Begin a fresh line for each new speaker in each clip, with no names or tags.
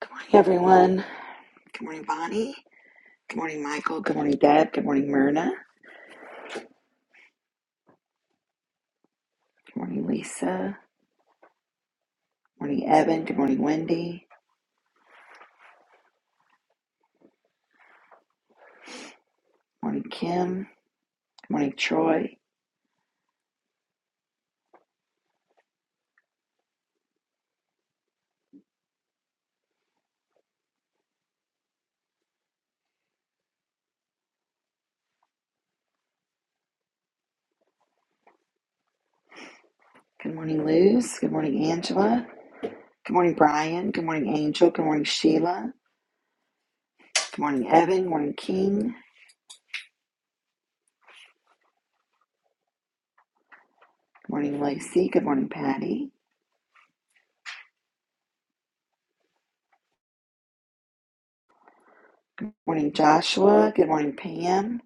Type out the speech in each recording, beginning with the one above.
Good morning, everyone. Good morning, Bonnie. Good morning, Michael. Good morning, Deb. Good morning, Myrna. Good morning, Lisa. Good morning, Evan. Good morning, Wendy. Good morning, Kim. Good morning, Troy. Good morning, Luz. Good morning, Angela. Good morning, Brian. Good morning, Angel. Good morning, Sheila. Good morning, Evan. Good morning, King. Good morning, Lacey. Good morning, Patty. Good morning, Joshua. Good morning, Pam.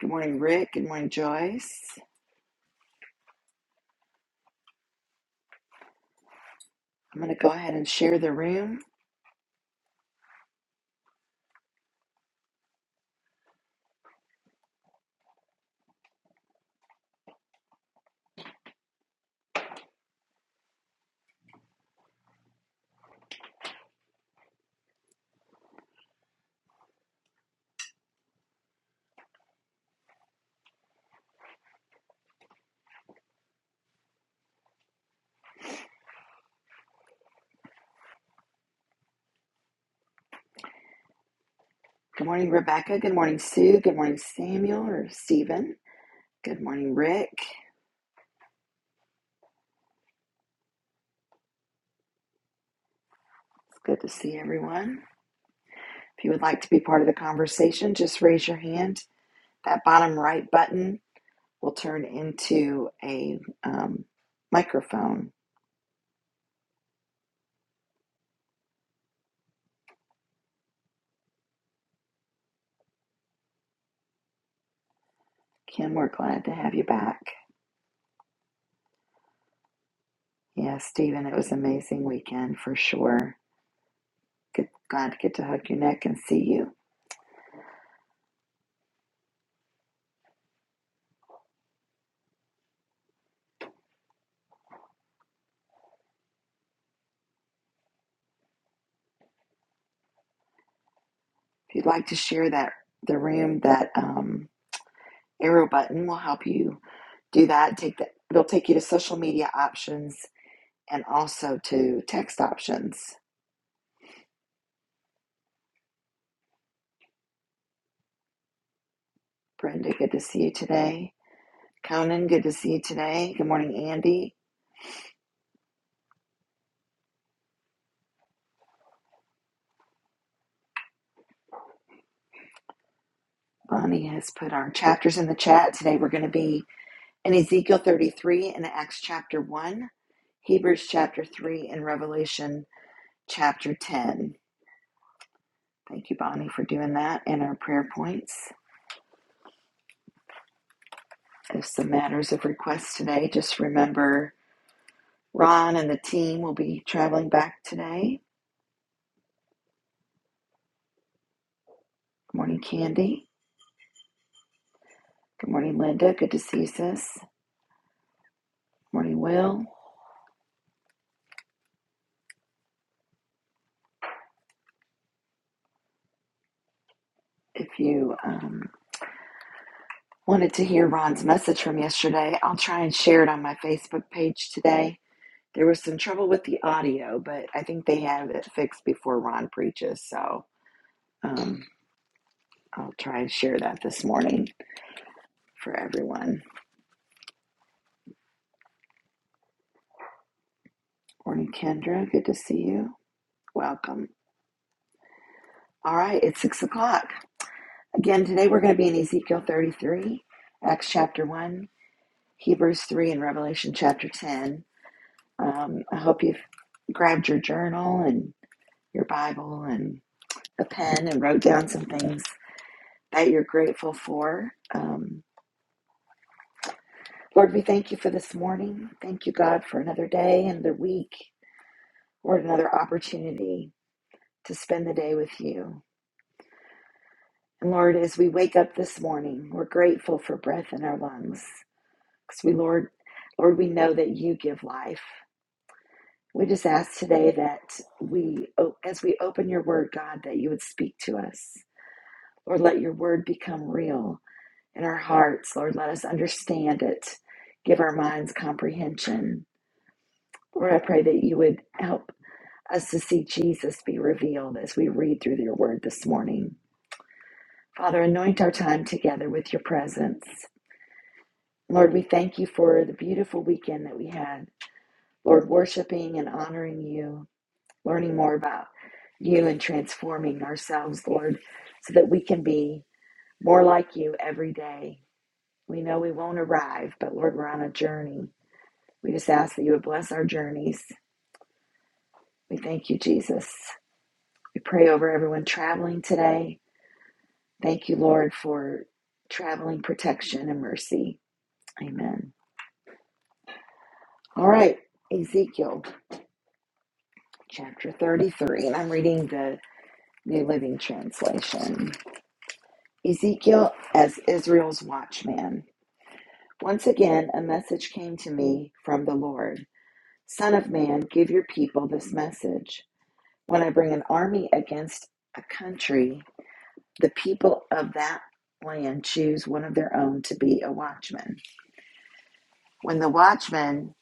Good morning, Rick. Good morning, Joyce. I'm going to go ahead and share the room. Good morning, Rebecca. Good morning, Sue. Good morning, Samuel or Stephen. Good morning, Rick. It's good to see everyone. If you would like to be part of the conversation, just raise your hand. That bottom right button will turn into a um, microphone. Kim, we're glad to have you back. Yeah, Stephen, it was an amazing weekend for sure. Good, glad to get to hug your neck and see you. If you'd like to share that the room, that um, arrow button will help you do that. Take that. It'll take you to social media options and also to text options. Brenda, good to see you today. Conan, good to see you today. Good morning, Andy. Bonnie has put our chapters in the chat. Today we're going to be in Ezekiel 33 and Acts chapter 1, Hebrews chapter 3, and Revelation chapter 10. Thank you, Bonnie, for doing that and our prayer points. There's some matters of request today. Just remember Ron and the team will be traveling back today Good morning, Candy. Good morning, Linda. Good to see you, sis. Good morning, Will. If you um, wanted to hear Ron's message from yesterday, I'll try and share it on my Facebook page today. There was some trouble with the audio, but I think they have it fixed before Ron preaches. So um, I'll try and share that this morning for everyone. Morning, Kendra. Good to see you. Welcome. All right, it's six o'clock. Again, today we're going to be in Ezekiel 33, Acts chapter 1, Hebrews 3 and Revelation chapter 10. Um, I hope you've grabbed your journal and your Bible and a pen and wrote down some things that you're grateful for. Um, Lord, we thank you for this morning. Thank you, God, for another day and the week, Lord, another opportunity to spend the day with you. And Lord, as we wake up this morning, we're grateful for breath in our lungs because we, Lord, Lord, we know that you give life. We just ask today that we, o- as we open your word, God, that you would speak to us. Lord, let your word become real in our hearts. Lord, let us understand it. Give our minds comprehension. Lord, I pray that you would help us to see Jesus be revealed as we read through your word this morning. Father, anoint our time together with your presence. Lord, we thank you for the beautiful weekend that we had. Lord, worshiping and honoring you. learning more about you and transforming ourselves, Lord, so that we can be more like you every day. We know we won't arrive, but Lord, we're on a journey. We just ask that you would bless our journeys. We thank you, Jesus. We pray over everyone traveling today. Thank you, Lord, for traveling protection and mercy. Amen. All right, Ezekiel chapter 33, and I'm reading the New Living Translation. Ezekiel as Israel's watchman. Once again, a message came to me from the Lord Son of man, give your people this message. When I bring an army against a country, the people of that land choose one of their own to be a watchman. When the watchman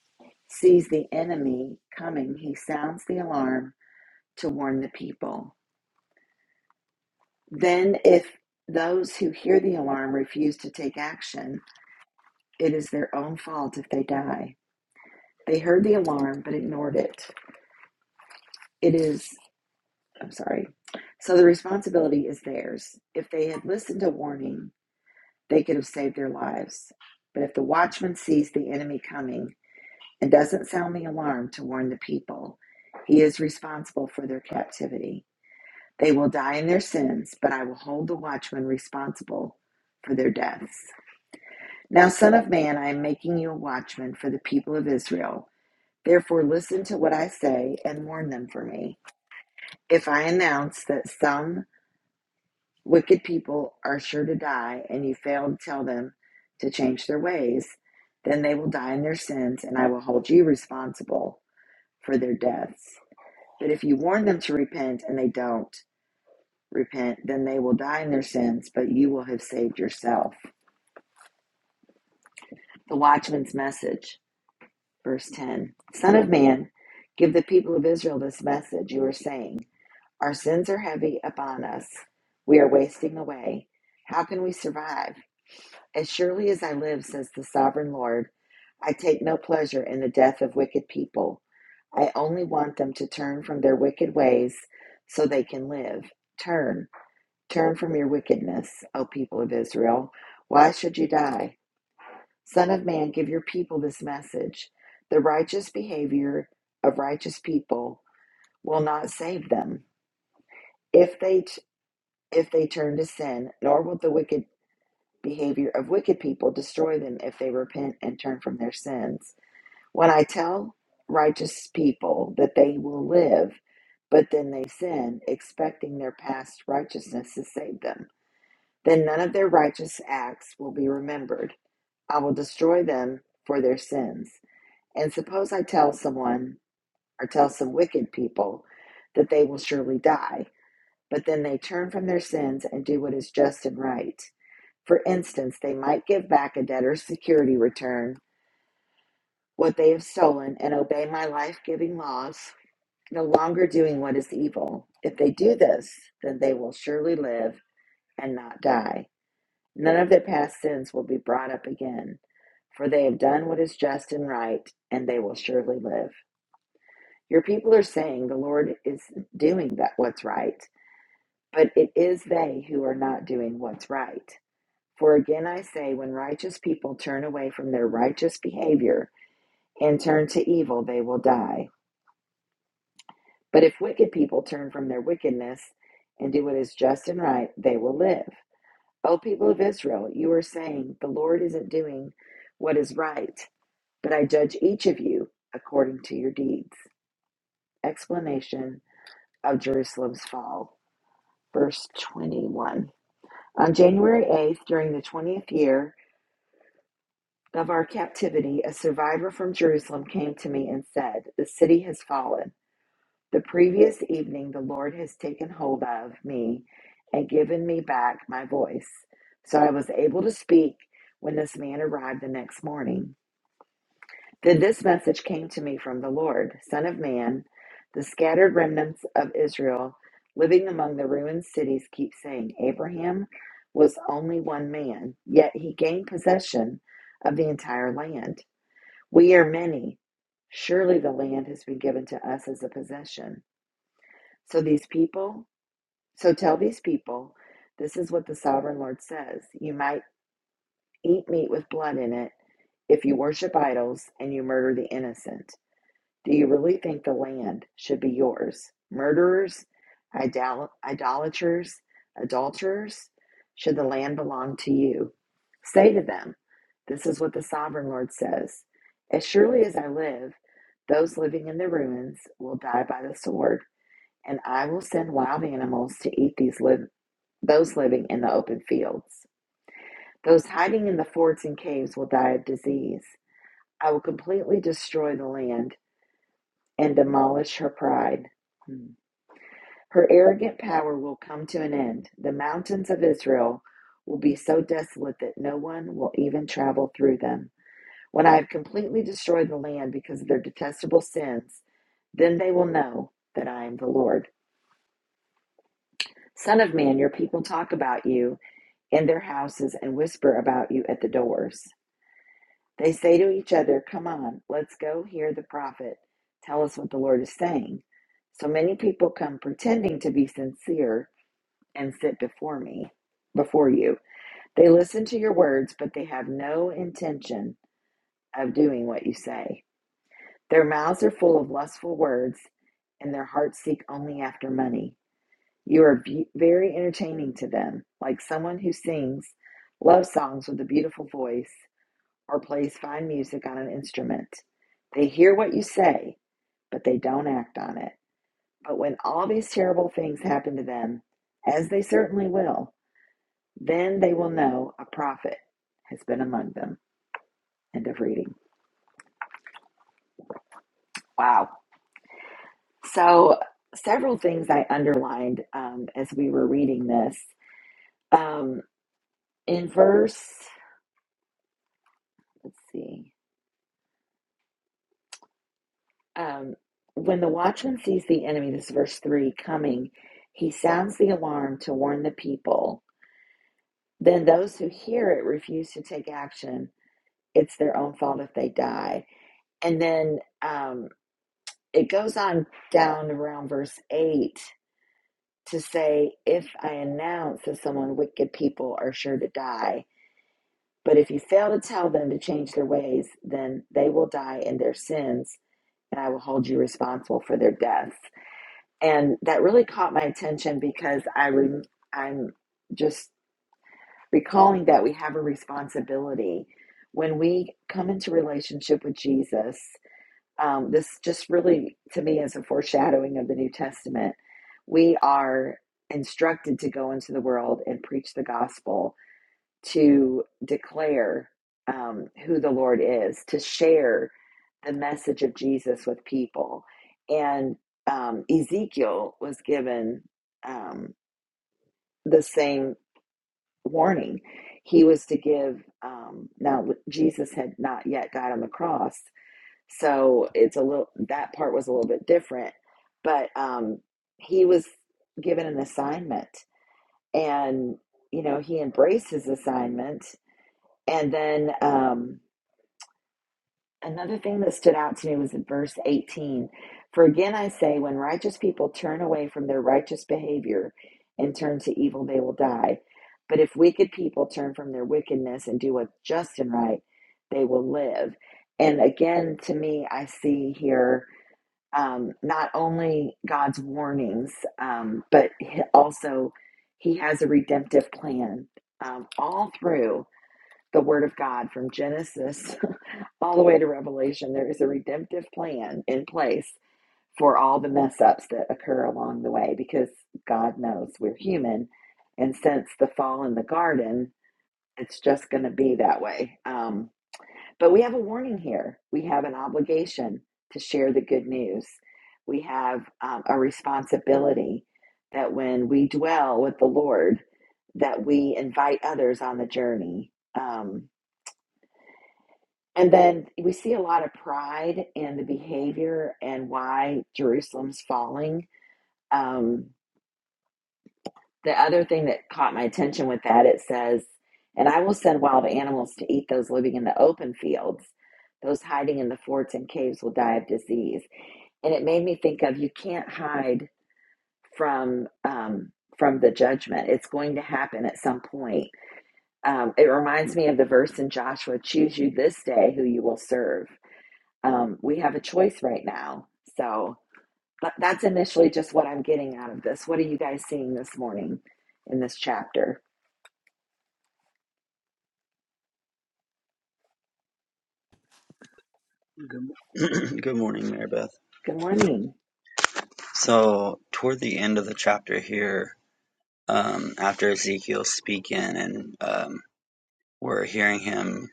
sees the enemy coming, he sounds the alarm to warn the people. Then, if those who hear the alarm refuse to take action, it is their own fault if they die. They heard the alarm but ignored it. It is I'm sorry. So the responsibility is theirs. If they had listened to warning, they could have saved their lives. But if the watchman sees the enemy coming and doesn't sound the alarm to warn the people, he is responsible for their captivity. They will die in their sins, but I will hold the watchman responsible for their deaths. Now, Son of Man, I am making you a watchman for the people of Israel. Therefore, listen to what I say and warn them for me. If I announce that some Wicked people are sure to die, and you fail to tell them to change their ways. Then they will die in their sins, and I will hold you responsible for their deaths. But if you warn them to repent and they don't repent, then they will die in their sins, but you will have saved yourself. The watchman's message, verse 10 Son of man, give the people of Israel this message you are saying, Our sins are heavy upon us, we are wasting away. How can we survive? As surely as I live, says the sovereign Lord, I take no pleasure in the death of wicked people. I only want them to turn from their wicked ways so they can live. Turn, turn from your wickedness, O people of Israel. Why should you die? Son of man, give your people this message. The righteous behavior of righteous people will not save them. If they if they turn to sin, nor will the wicked. behavior of wicked people, destroy them if they repent and turn from their sins. When I tell righteous people that they will live, but then they sin, expecting their past righteousness to save them, then none of their righteous acts will be remembered. I will destroy them for their sins. And suppose I tell someone or tell some wicked people that they will surely die, but then they turn from their sins and do what is just and right. For instance, they might give back a debtor's security return, what they have stolen, and obey my life giving laws, no longer doing what is evil. If they do this, then they will surely live and not die. None of their past sins will be brought up again, for they have done what is just and right, and they will surely live. Your people are saying the Lord is doing that what's right, but it is they who are not doing what's right. For again I say, when righteous people turn away from their righteous behavior and turn to evil, they will die. But if wicked people turn from their wickedness and do what is just and right, they will live. O people of Israel, you are saying, The Lord isn't doing what is right, but I judge each of you according to your deeds. Explanation of Jerusalem's fall. Verse 21. On January 8th, during the 20th year, of our captivity, a survivor from Jerusalem came to me and said, The city has fallen. The previous evening, the Lord has taken hold of me and given me back my voice. So I was able to speak when this man arrived the next morning. Then this message came to me from the Lord Son of man, the scattered remnants of Israel living among the ruined cities keep saying, Abraham was only one man, yet he gained possession of the entire land. We are many. Surely the land has been given to us as a possession. So these people, so tell these people, this is what the sovereign Lord says. You might eat meat with blood in it if you worship idols and you murder the innocent. Do you really think the land should be yours? Murderers, idol- idolaters, adulterers, should the land belong to you? Say to them, This is what the sovereign Lord says As surely as I live, those living in the ruins will die by the sword, and I will send wild animals to eat these liv- those living in the open fields. Those hiding in the forts and caves will die of disease. I will completely destroy the land and demolish her pride. Hmm. Her arrogant power will come to an end. The mountains of Israel will be so desolate that no one will even travel through them. When I have completely destroyed the land because of their detestable sins, then they will know that I am the Lord. Son of man, your people talk about you in their houses and whisper about you at the doors. They say to each other, Come on, let's go hear the prophet tell us what the Lord is saying. So many people come pretending to be sincere and sit before me, before you. They listen to your words, but they have no intention of doing what you say. Their mouths are full of lustful words, and their hearts seek only after money. You are be- very entertaining to them, like someone who sings love songs with a beautiful voice or plays fine music on an instrument. They hear what you say, but they don't act on it. But when all these terrible things happen to them, as they certainly will, then they will know a prophet has been among them. End of reading. Wow. So, several things I underlined um, as we were reading this. Um, in verse, let's see, um, when the watchman sees the enemy, this is verse 3, coming, he sounds the alarm to warn the people Then those who hear it refuse to take action. It's their own fault if they die. And then um, it goes on down around verse 8 to say, If I announce that someone wicked people are sure to die, but if you fail to tell them to change their ways, then they will die in their sins, and I will hold you responsible for their deaths. And that really caught my attention because I rem I'm just recalling that we have a responsibility when we come into relationship with Jesus. Um, this just really, to me, is a foreshadowing of the New Testament. We are instructed to go into the world and preach the gospel, to declare um, who the Lord is, to share the message of Jesus with people. And um, Ezekiel was given um, the same warning. He was to give, um, now Jesus had not yet died on the cross, so it's a little, that part was a little bit different, but um, he was given an assignment and, you know, he embraced his assignment. And then, um. Another thing that stood out to me was in verse 18. For again I say, when righteous people turn away from their righteous behavior and turn to evil, they will die. But if wicked people turn from their wickedness and do what's just and right, they will live. And again, to me, I see here um, not only God's warnings, um, but he- also He has a redemptive plan um, all through the Word of God from Genesis all the way to Revelation. There is a redemptive plan in place for all the mess ups that occur along the way because God knows we're human. And since the fall in the garden, it's just going to be that way. Um, but we have a warning here. We have an obligation to share the good news. We have um, a responsibility that when we dwell with the Lord, that we invite others on the journey. Um, and then we see a lot of pride in the behavior and why Jerusalem's falling. Um, the other thing that caught my attention with that, it says, and I will send wild animals to eat those living in the open fields. Those hiding in the forts and caves will die of disease. And it made me think of you can't hide from um, from the judgment. It's going to happen at some point. Um, it reminds me of the verse in Joshua: "Choose you this day who you will serve." um, we have a choice right now. So but that's initially just what I'm getting out of this. What are you guys seeing this morning in this chapter?
Good, mo- good morning, Marybeth.
Good morning.
So, toward the end of the chapter here, um, after Ezekiel's speaking and um, we're hearing him,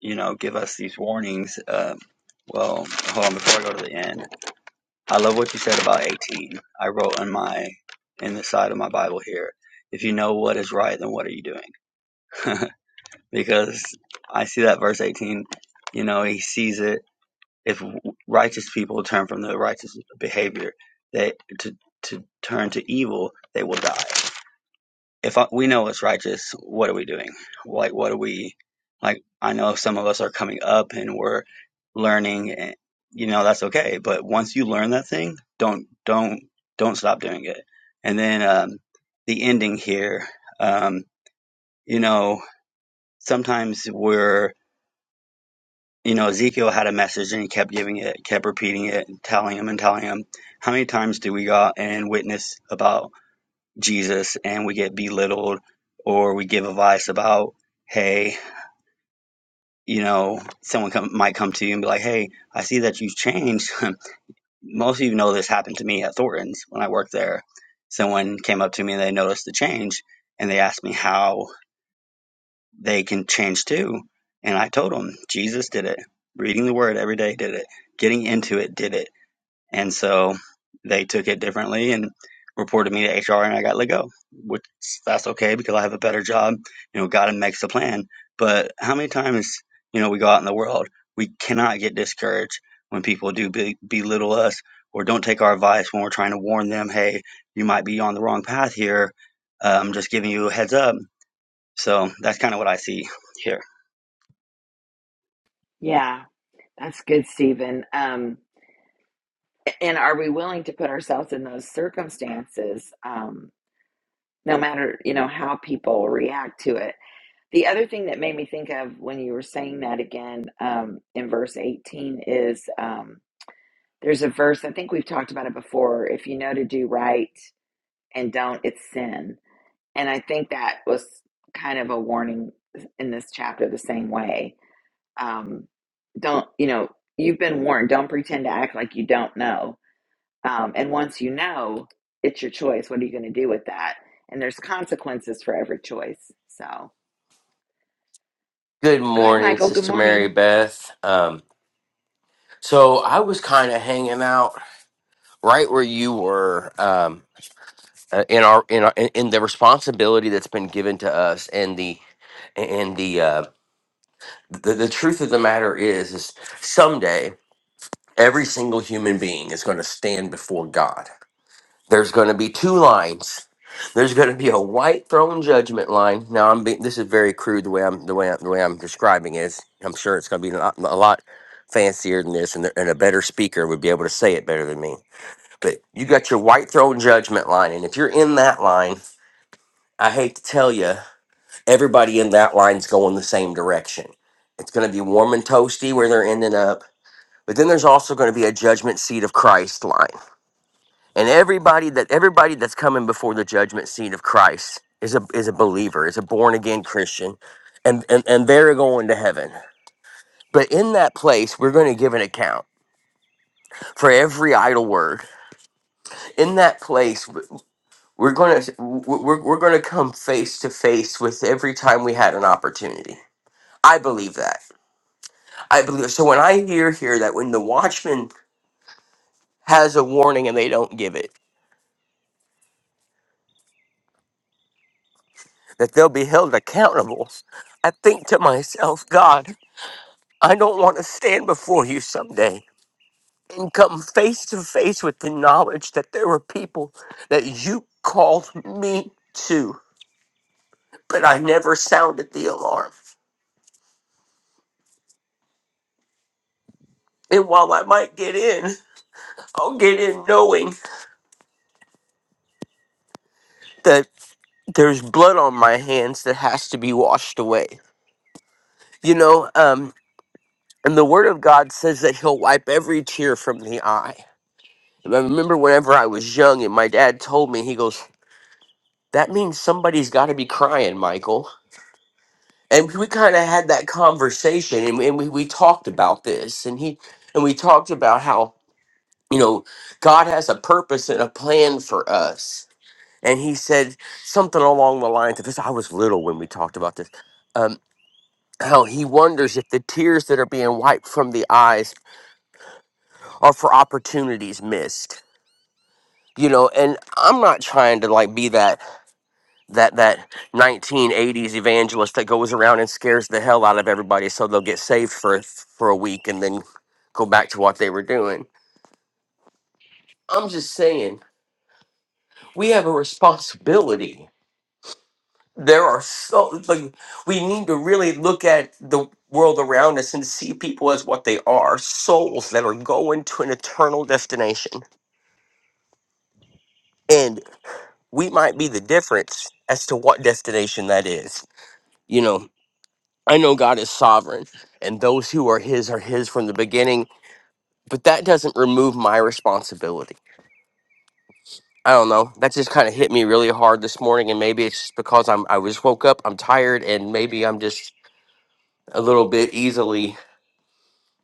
you know, give us these warnings. Um, well, hold on, before I go to the end, I love what you said about 18. I wrote in my in the side of my Bible here, if you know what is right, then what are you doing? because I see that verse 18, you know, he sees it if righteous people turn from the righteous behavior, they to to turn to evil, they will die. If I, we know it's righteous, what are we doing? Like, what are we? Like, I know some of us are coming up and we're learning, and you know that's okay. But once you learn that thing, don't don't don't stop doing it. And then um, the ending here, um, you know, sometimes we're you know, Ezekiel had a message and he kept giving it, kept repeating it, and telling him and telling him. How many times do we go out and witness about Jesus and we get belittled or we give advice about, hey, you know, someone come, might come to you and be like, hey, I see that you've changed. Most of you know this happened to me at Thornton's when I worked there. Someone came up to me and they noticed the change and they asked me how. they can change too. And I told them Jesus did it. Reading the word every day did it. Getting into it did it. And so they took it differently and reported me to HR and I got let go, which that's okay because I have a better job. You know, God makes the plan. But how many times, you know, we go out in the world, we cannot get discouraged when people do be- belittle us or don't take our advice when we're trying to warn them, hey, you might be on the wrong path here. Uh, I'm just giving you a heads up so that's kind of what I see here.
Yeah, that's good, Stephen. Um, and are we willing to put ourselves in those circumstances, um, no matter you know how people react to it? The other thing that made me think of when you were saying that again um, in verse 18 is um, there's a verse I think we've talked about it before. If you know to do right and don't, it's sin And I think that was kind of a warning in this chapter the same way. Um, don't, you know, you've been warned. Don't pretend to act like you don't know. Um, and once you know, it's your choice. What are you going to do with that? And there's consequences for every choice. So
Good
go ahead,
morning,
Michael. Good
Sister Mary
morning.
Beth. Um, so I was kind of hanging out right where you were um, uh, in our in our, in in the responsibility that's been given to us, and the and the uh, the, the truth of the matter is, is someday every single human being is going to stand before God There's going to be two lines. There's going to be a white throne judgment line. Now I'm being, this is very crude the way I'm the way I'm, the way I'm describing it. It's- I'm sure it's going to be a lot, a lot fancier than this, and, and a better speaker would be able to say it better than me. But you got your white throne judgment line, and if you're in that line, I hate to tell you, everybody in that line's going the same direction. It's going to be warm and toasty where they're ending up, but then there's also going to be a judgment seat of Christ line and everybody that everybody that's coming before the judgment seat of Christ is a is a believer, is a born again Christian, and and and they're going to heaven. But in that place, we're going to give an account for every idle word. In that place, we're going to we're, we're going to come face to face with every time we had an opportunity. I believe that. I believe so. When I hear here that when the watchman has a warning and they don't give it, that they'll be held accountable. I think to myself, God. I don't want to stand before you someday and come face to face with the knowledge that there were people that you called me to, but I never sounded the alarm. And while I might get in, I'll get in knowing that there's blood on my hands that has to be washed away. You know, um, and the Word of God says that He'll wipe every tear from the eye. And I remember whenever I was young and my dad told me, he goes, That means somebody's got to be crying, Michael and we kind of had that conversation and, and we, we talked about this and he and we talked about how you know god has a purpose and a plan for us and he said something along the lines of this i was little when we talked about this um, how he wonders if the tears that are being wiped from the eyes are for opportunities missed you know and i'm not trying to like be that that that 1980s evangelist that goes around and scares the hell out of everybody so they'll get saved for for a week and then go back to what they were doing. I'm just saying, we have a responsibility. There are so like we need to really look at the world around us and see people as what they are, souls that are going to an eternal destination. And we might be the difference as to what destination that is. You know, I know God is sovereign and those who are his are his from the beginning, but that doesn't remove my responsibility. I don't know. That just kind of hit me really hard this morning and maybe it's just because I'm I was woke up, I'm tired and maybe I'm just a little bit easily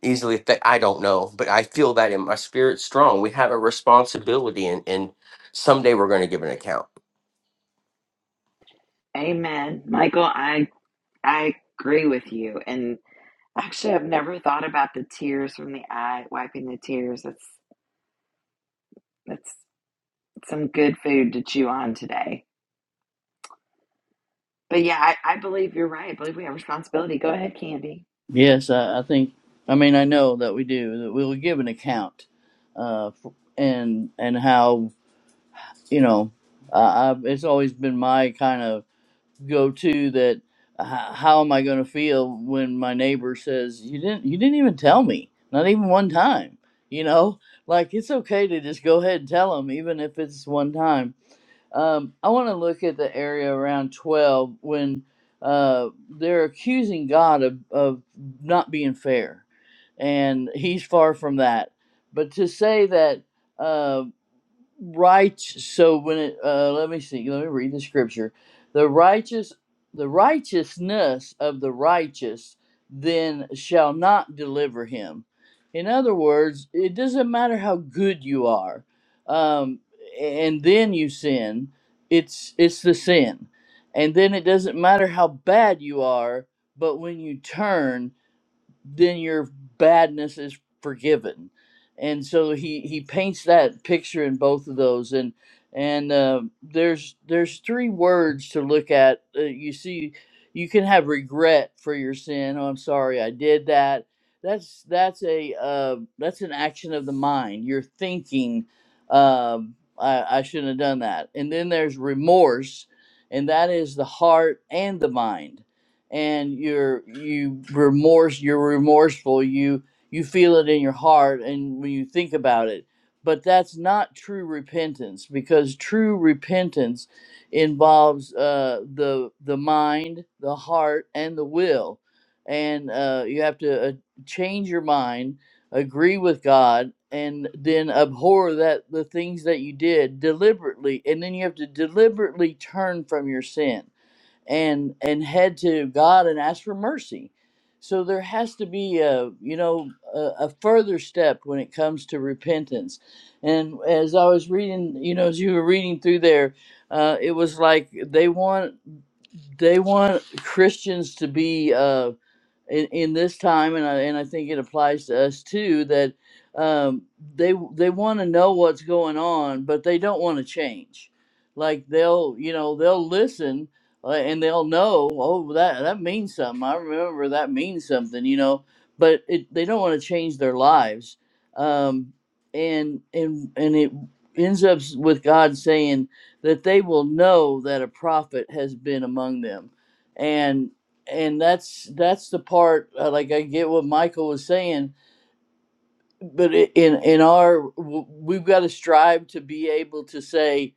easily th- I don't know, but I feel that in my spirit strong. We have a responsibility and and someday we're going to give an account.
Amen. Michael, I, I agree with you. And actually, I've never thought about the tears from the eye, wiping the tears. That's, that's some good food to chew on today. But yeah, I, I believe you're right. I believe we have responsibility. Go ahead, Candy.
Yes, I, I think. I mean, I know that we do. That we will give an account, uh, f and and how you know, uh, I've, it's always been my kind of go-to that. h- How am I going to feel when my neighbor says you didn't you didn't even tell me, not even one time? You know, like it's okay to just go ahead and tell them, even if it's one time um, I want to look at the area around 12 when uh, they're accusing God of, of not being fair, and he's far from that. But to say that. uh, righteous so when it uh, let me see let me read the scripture the righteous the righteousness of the righteous then shall not deliver him in other words it doesn't matter how good you are um, and then you sin it's it's the sin and then it doesn't matter how bad you are but when you turn then your badness is forgiven. And so he he paints that picture in both of those, and and uh, there's there's three words to look at. Uh, you see, you can have regret for your sin. Oh, I'm sorry, I did that. That's that's a uh, that's an action of the mind. You're thinking, um, I, I shouldn't have done that. And then there's remorse, and that is the heart and the mind and you're you remorse you're remorseful you you feel it in your heart and when you think about it but that's not true repentance because true repentance involves uh, the the mind the heart and the will and uh, you have to uh, change your mind agree with god and then abhor that the things that you did deliberately and then you have to deliberately turn from your sin and and head to God and ask for mercy. So there has to be a you know a, a further step when it comes to repentance. And as I was reading, you know, as you were reading through there, uh, it was like they want they want Christians to be. Uh, in, in this time, and I, and I think it applies to us too, that um, they they want to know what's going on, but they don't want to change. Like they'll you know they'll listen uh, and they'll know oh that that means something. I remember that means something, you know, but it, they don't want to change their lives, um, and and and it ends up s- with God saying that they will know that a prophet has been among them and that's that's the part uh, like i get what michael was saying but i- in in our w- we've got to strive to be able to say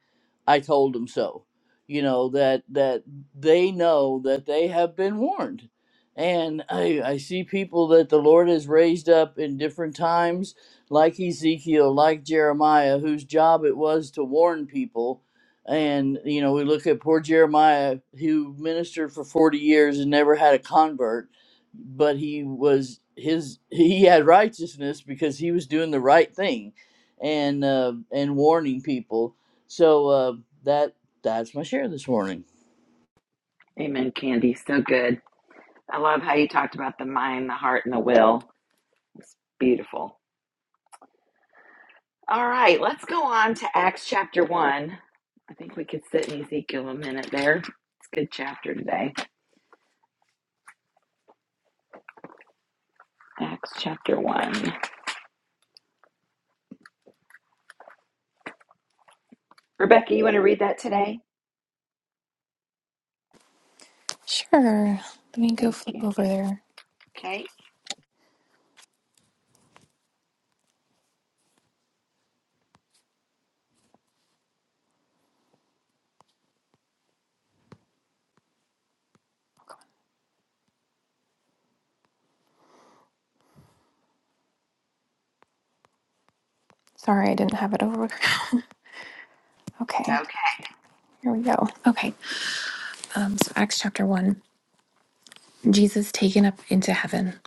i told them so you know that that they know that they have been warned and i i see people that the lord has raised up in different times like ezekiel like jeremiah whose job it was to warn people and you know we look at poor jeremiah who ministered for 40 years and never had a convert but he was his he had righteousness because he was doing the right thing and uh and warning people so uh that that's my share this morning
Amen, Candy. So good. I love how you talked about the mind, the heart, and the will. It's beautiful. All right, let's go on to Acts chapter 1. I think we could sit in Ezekiel a minute there. It's a good chapter today. Acts chapter 1. Rebecca, you want to read that today?
Sure. Let me go
Thank
flip
you.
over there.
Okay,
Sorry, I didn't have it over.
it's
Okay,
okay.
here we go. Okay, um, so Acts chapter 1 Jesus taken up into heaven.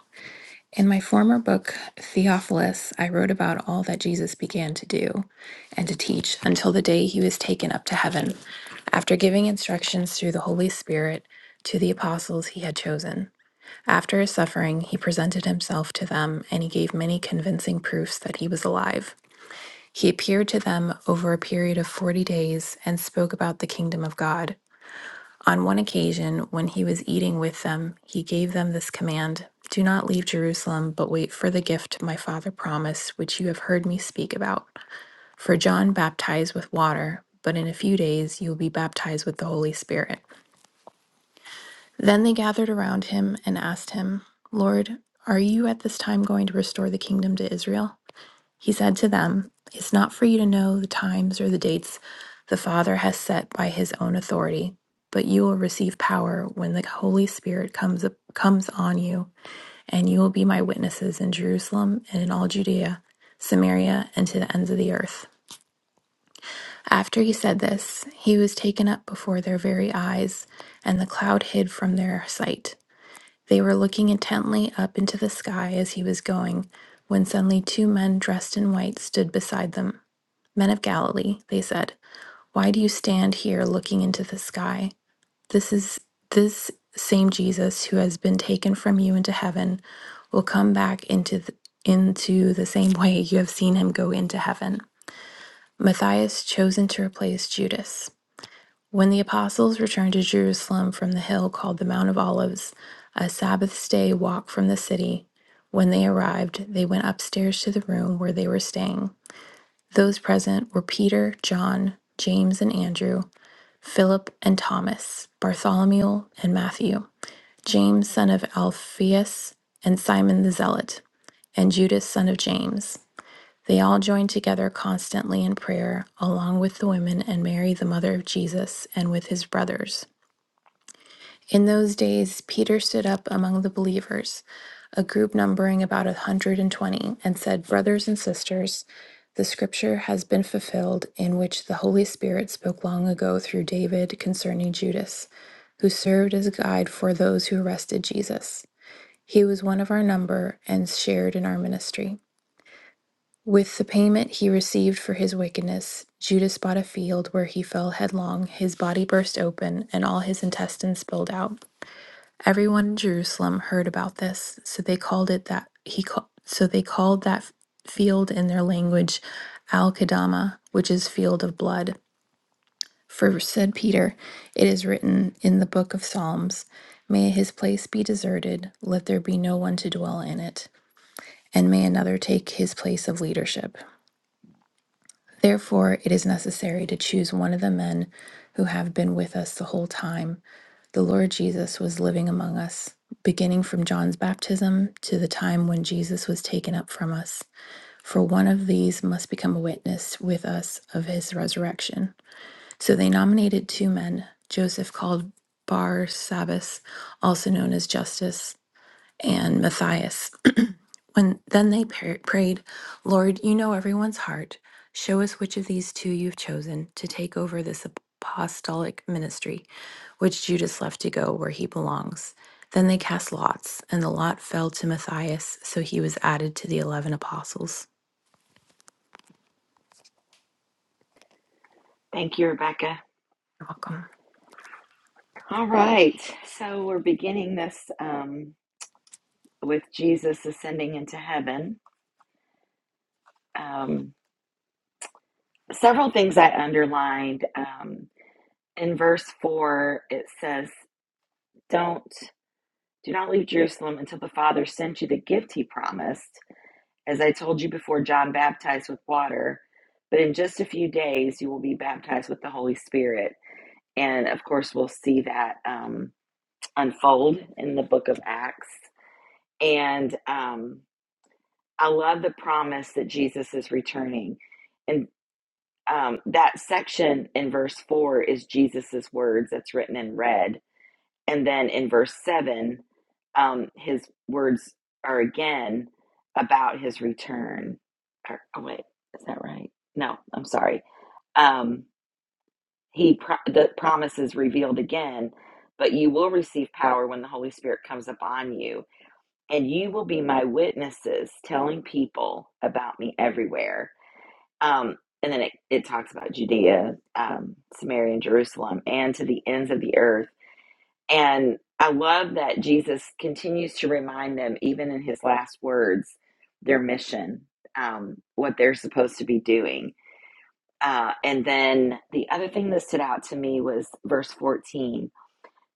In my former book, Theophilus, I wrote about all that Jesus began to do and to teach until the day he was taken up to heaven, after giving instructions through the Holy Spirit to the apostles he had chosen. After his suffering, he presented himself to them, and he gave many convincing proofs that he was alive. He appeared to them over a period of 40 days and spoke about the kingdom of God. On one occasion, when he was eating with them, he gave them this command Do not leave Jerusalem, but wait for the gift my father promised, which you have heard me speak about. For John baptized with water, but in a few days you will be baptized with the Holy Spirit. Then they gathered around him and asked him, Lord, are you at this time going to restore the kingdom to Israel? He said to them, It's not for you to know the times or the dates the Father has set by his own authority, but you will receive power when the Holy Spirit comes comes on you, and you will be my witnesses in Jerusalem and in all Judea, Samaria, and to the ends of the earth. After he said this, he was taken up before their very eyes, and the cloud hid from their sight. They were looking intently up into the sky as he was going, when suddenly two men dressed in white stood beside them. Men of Galilee, they said, why do you stand here looking into the sky? This is this same Jesus who has been taken from you into heaven will come back into the, into the same way you have seen him go into heaven. Matthias chosen to replace Judas. When the apostles returned to Jerusalem from the hill called the Mount of Olives, a Sabbath day walk from the city, when they arrived, they went upstairs to the room where they were staying. Those present were Peter, John, James and Andrew, Philip and Thomas, Bartholomew and Matthew, James son of Alphaeus and Simon the Zealot, and Judas son of James. They all joined together constantly in prayer, along with the women and Mary the mother of Jesus and with his brothers. In those days, Peter stood up among the believers, a group numbering about a 120, and twenty, and said, Brothers and sisters, the scripture has been fulfilled in which the Holy Spirit spoke long ago through David concerning Judas, who served as a guide for those who arrested Jesus. He was one of our number and shared in our ministry. With the payment he received for his wickedness, Judas bought a field where he fell headlong, his body burst open, and all his intestines spilled out. Everyone in Jerusalem heard about this, so they called it that he called so they called that field in their language Al-Qadama, which is field of blood. For said Peter, it is written in the book of Psalms, may his place be deserted, let there be no one to dwell in it, and may another take his place of leadership. Therefore, it is necessary to choose one of the men who have been with us the whole time the Lord Jesus was living among us, beginning from John's baptism to the time when Jesus was taken up from us. For one of these must become a witness with us of his resurrection. So they nominated two men, Joseph called Bar Sabbas, also known as Justus, and Matthias. when then they par- prayed, Lord, you know everyone's heart. Show us which of these two you've chosen to take over this apostolic ministry, which Judas left to go where he belongs. Then they cast lots, and the lot fell to Matthias, so he was added to the eleven apostles.
Thank you, Rebecca.
You're welcome.
All right, so we're beginning this um, with Jesus ascending into heaven. Um, several things I underlined. Um, in verse four, it says, "Don't do not leave Jerusalem until the Father sent you the gift He promised, as I told you before. John baptized with water, but in just a few days you will be baptized with the Holy Spirit." And of course, we'll see that um, unfold in the Book of Acts. And um, I love the promise that Jesus is returning. In um, that section in verse 4 is Jesus's words that's written in red. And then in verse 7, um, his words are again about his return. Or, oh, wait, is that right? No, I'm sorry. Um, he pro- the promise is revealed again, but you will receive power when the Holy Spirit comes upon you, and you will be my witnesses, telling people about me everywhere um, and then it, it talks about Judea, um, Samaria, and Jerusalem, and to the ends of the earth. And I love that Jesus continues to remind them, even in his last words, their mission, um, what they're supposed to be doing. Uh, and then the other thing that stood out to me was verse 14.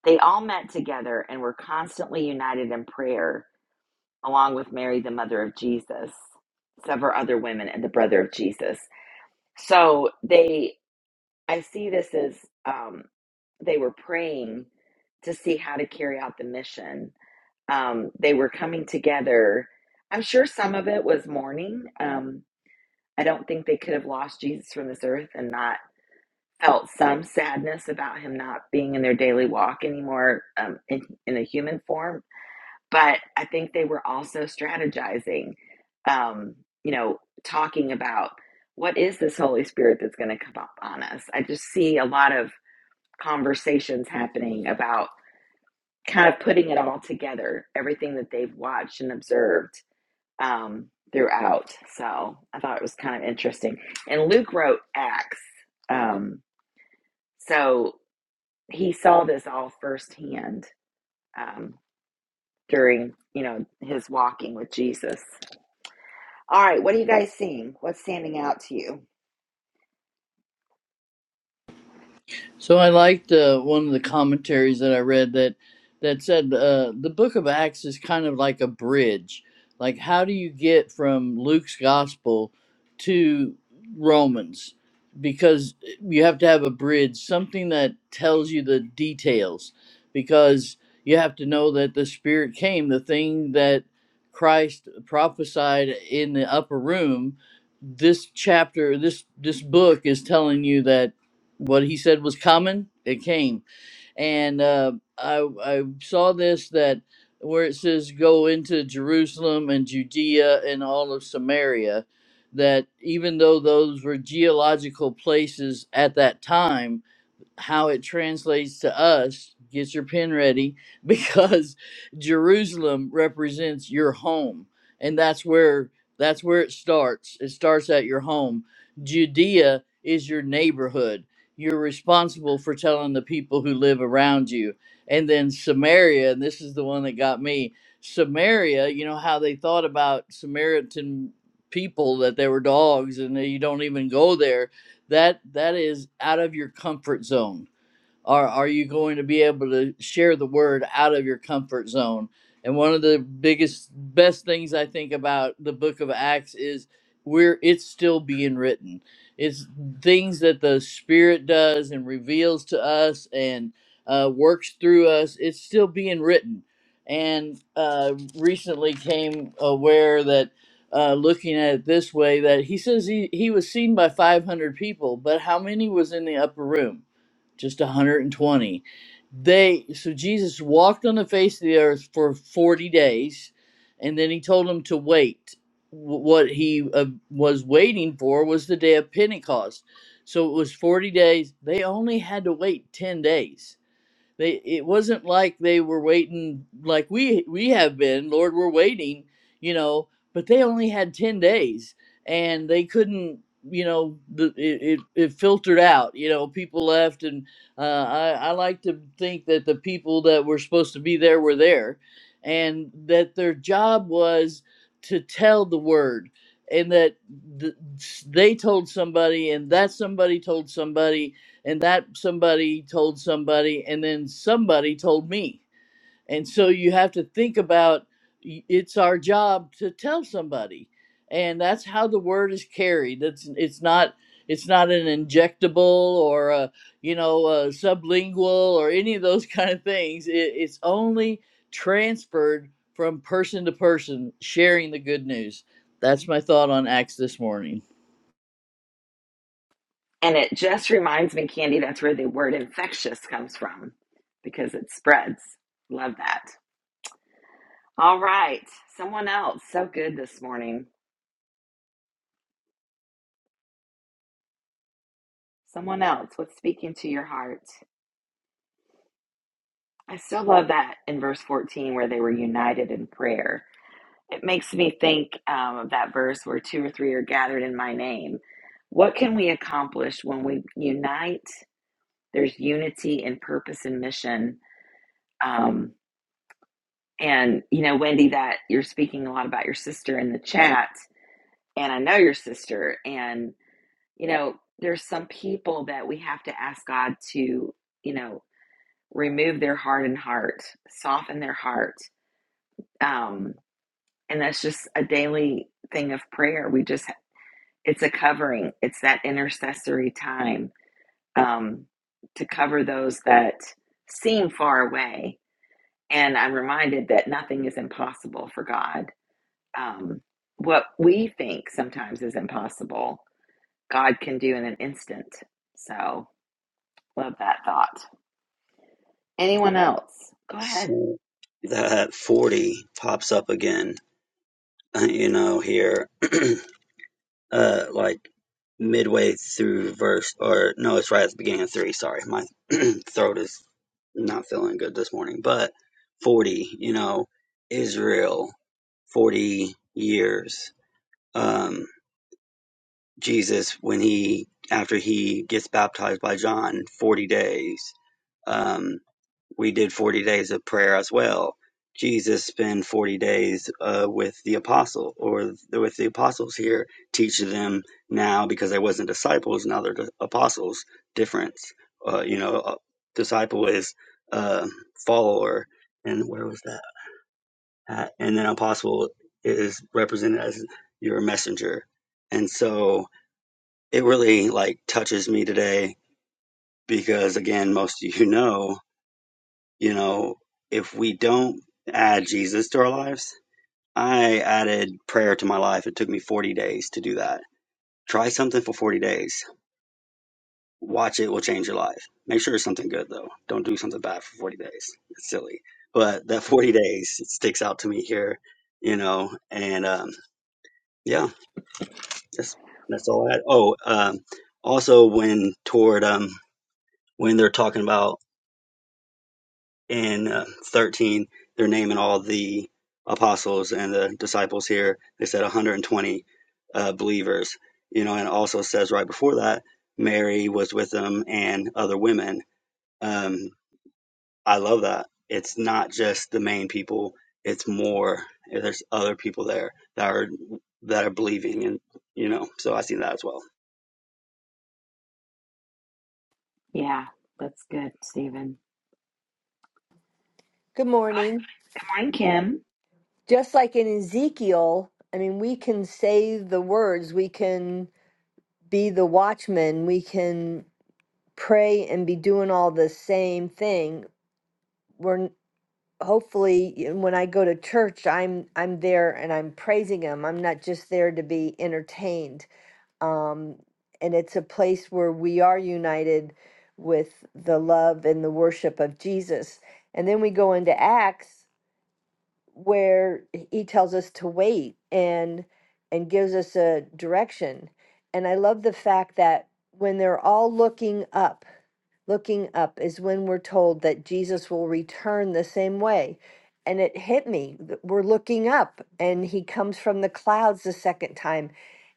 They all met together and were constantly united in prayer, along with Mary, the mother of Jesus, several other women, and the brother of Jesus. So they I see this as um, they were praying to see how to carry out the mission. Um, they were coming together. I'm sure some of it was mourning. Um, I don't think they could have lost Jesus from this earth and not felt some sadness about him not being in their daily walk anymore um, in, in a human form. But I think they were also strategizing, um, you know, talking about what is this Holy Spirit that's going to come up on us. I just see a lot of conversations happening about kind of putting it all together, everything that they've watched and observed um, throughout. So I thought it was kind of interesting. And Luke wrote Acts. Um, so he saw this all firsthand um, during, you know, his walking with Jesus. All right, what are you guys seeing? What's standing out to you?
So I liked uh, one of the commentaries that I read that that said uh, the Book of Acts is kind of like a bridge. Like, how do you get from Luke's gospel to Romans? Because you have to have a bridge, something that tells you the details. Because you have to know that the Spirit came, the thing that Christ prophesied in the upper room. This chapter, this this book is telling you that what he said was coming, it came. And uh, I, I saw this that where it says, Go into Jerusalem and Judea and all of Samaria, that even though those were geological places at that time, how it translates to us. Get your pen ready because Jerusalem represents your home, and that's where that's where it starts. It starts at your home. Judea is your neighborhood. You're responsible for telling the people who live around you. And then Samaria, and this is the one that got me. Samaria, you know how they thought about Samaritan people that they were dogs and that you don't even go there that that is out of your comfort zone are are you going to be able to share the word out of your comfort zone? And one of the biggest, best things I think about the book of Acts is we're it's still being written. It's things that the Spirit does and reveals to us and uh, works through us. It's still being written. And uh, recently came aware that uh, looking at it this way that he says he, he was seen by 500 people, but how many was in the upper room? just 120 they so jesus walked on the face of the earth for 40 days and then he told them to wait what he uh, was waiting for was the day of pentecost so it was 40 days they only had to wait 10 days they it wasn't like they were waiting like we we have been lord we're waiting you know but they only had 10 days and they couldn't you know the, it, it it filtered out you know people left and uh, I, I like to think that the people that were supposed to be there were there and that their job was to tell the word and that th- they told somebody and that somebody told somebody and that somebody told somebody and then somebody told me and so you have to think about y- it's our job to tell somebody and that's how the word is carried it's it's not it's not an injectable or a you know a sublingual or any of those kind of things it, it's only transferred from person to person sharing the good news that's my thought on acts this morning
And it just reminds me, Candy, that's where the word infectious comes from because it spreads. Love that. All right. Someone else. So good this morning. Someone else. What's speaking to your heart? I still love that in verse 14 where they were united in prayer. It makes me think um, of that verse where two or three are gathered in my name. What can we accomplish when we unite? There's unity in purpose and mission. Um, and, you know, Wendy, that you're speaking a lot about your sister in the chat. And I know your sister. and. you know, there's some people that we have to ask God to, you know, remove their hardened heart, soften their heart. Um, and that's just a daily thing of prayer. We just, it's a covering, it's that intercessory time um, to cover those that seem far away. And I'm reminded that nothing is impossible for God. Um, what we think sometimes is impossible, God can do in an instant. So, love that thought. Anyone else? Go ahead.
So that 40 pops up again, uh, you know, here, uh, like midway through verse, or no, it's right at the beginning of three. Sorry, my throat is not feeling good this morning. But 40, you know, Israel, 40 years. Um, Jesus when he after he gets baptized by John 40 days. Um, we did 40 days of prayer as well. Jesus spent 40 days uh, with the apostle or th- with the apostles here, teaching them now because they wasn't disciples, now they're di- apostles. Difference, uh, you know, a disciple is uh, follower, and where was that? At? And then apostle is represented as your messenger, and so it really like touches me today because again most of you know you know if we don't add jesus to our lives i added prayer to my life it took me 40 days to do that try something for 40 days watch it will change your life make sure it's something good though don't do something bad for 40 days it's silly but that 40 days it sticks out to me here you know and um yeah that's that's all i had oh um also when toward um when they're talking about in uh, 13, they're naming all the apostles and the disciples here. They said 120 uh, believers, you know, and it also says right before that, Mary was with them and other women. Um, I love that. It's not just the main people, it's more. There's other people there that are that are believing and you know so i see that as well
Yeah, that's good, Stephen.
Good
Go ahead.
morning.
Good morning, Kim.
Just like in Ezekiel, I mean, we can say the words, we can be the watchman, we can pray and be doing all the same thing. We're n- hopefully y- when I go to church, I'm I'm there and I'm praising him. I'm not just there to be entertained. Um, and it's a place where we are united with the love and the worship of Jesus. And then we go into Acts where he tells us to wait and and gives us a direction. And I love the fact that when they're all looking up looking up is when we're told that Jesus will return the same way. And it hit me. that We're looking up, and he comes from the clouds the second time.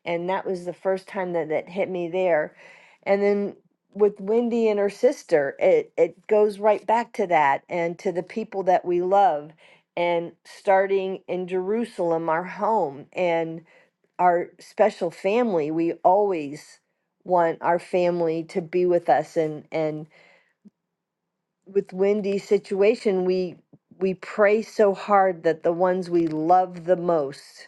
And that was the first time that that hit me there. And then with Wendy and her sister, it, it goes right back to that and to the people that we love, and starting in Jerusalem, our home and our special family. We always want our family to be with us and, and with Wendy's situation, we we pray so hard that the ones we love the most,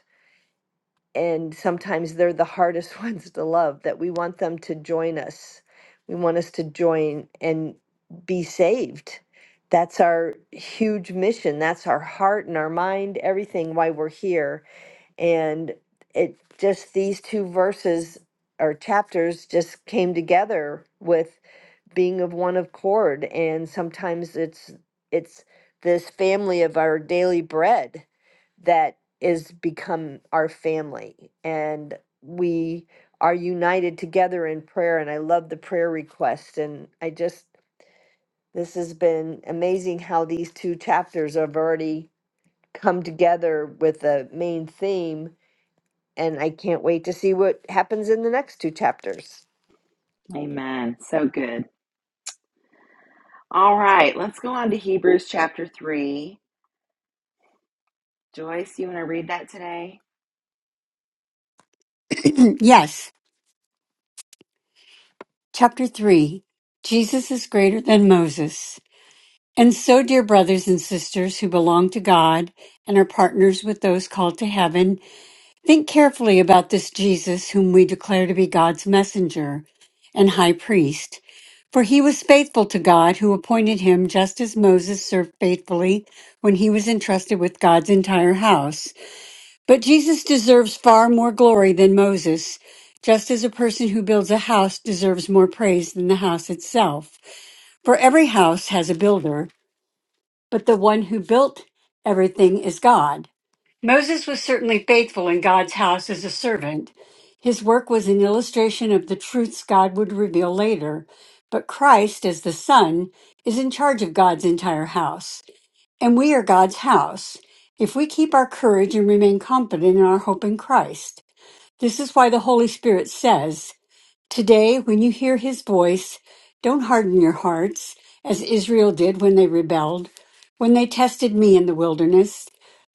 and sometimes they're the hardest ones to love, that we want them to join us. We want us to join and be saved. That's our huge mission. That's our heart and our mind, everything why we're here. And it just these two verses or chapters just came together with being of one accord and sometimes it's it's this family of our daily bread that is become our family and we are united together in prayer and i love the prayer request and i just this has been amazing how these two chapters have already come together with a main theme and i can't wait to see what happens in the next two chapters
Amen. So good. All right, let's go on to Hebrews chapter 3. Joyce, you want to read that today?
yes, chapter 3. Jesus is greater than Moses. And so, dear brothers and sisters who belong to God and are partners with those called to heaven, think carefully about this Jesus whom we declare to be God's messenger and high priest. For he was faithful to God who appointed him just as Moses served faithfully when he was entrusted with God's entire house. But Jesus deserves far more glory than Moses, just as a person who builds a house deserves more praise than the house itself. For every house has a builder, but the one who built everything is God. Moses was certainly faithful in God's house as a servant. His work was an illustration of the truths God would reveal later, but Christ, as the Son, is in charge of God's entire house. And we are God's house if we keep our courage and remain confident in our hope in Christ. This is why the Holy Spirit says, Today, when you hear his voice, don't harden your hearts as Israel did when they rebelled, when they tested me in the wilderness.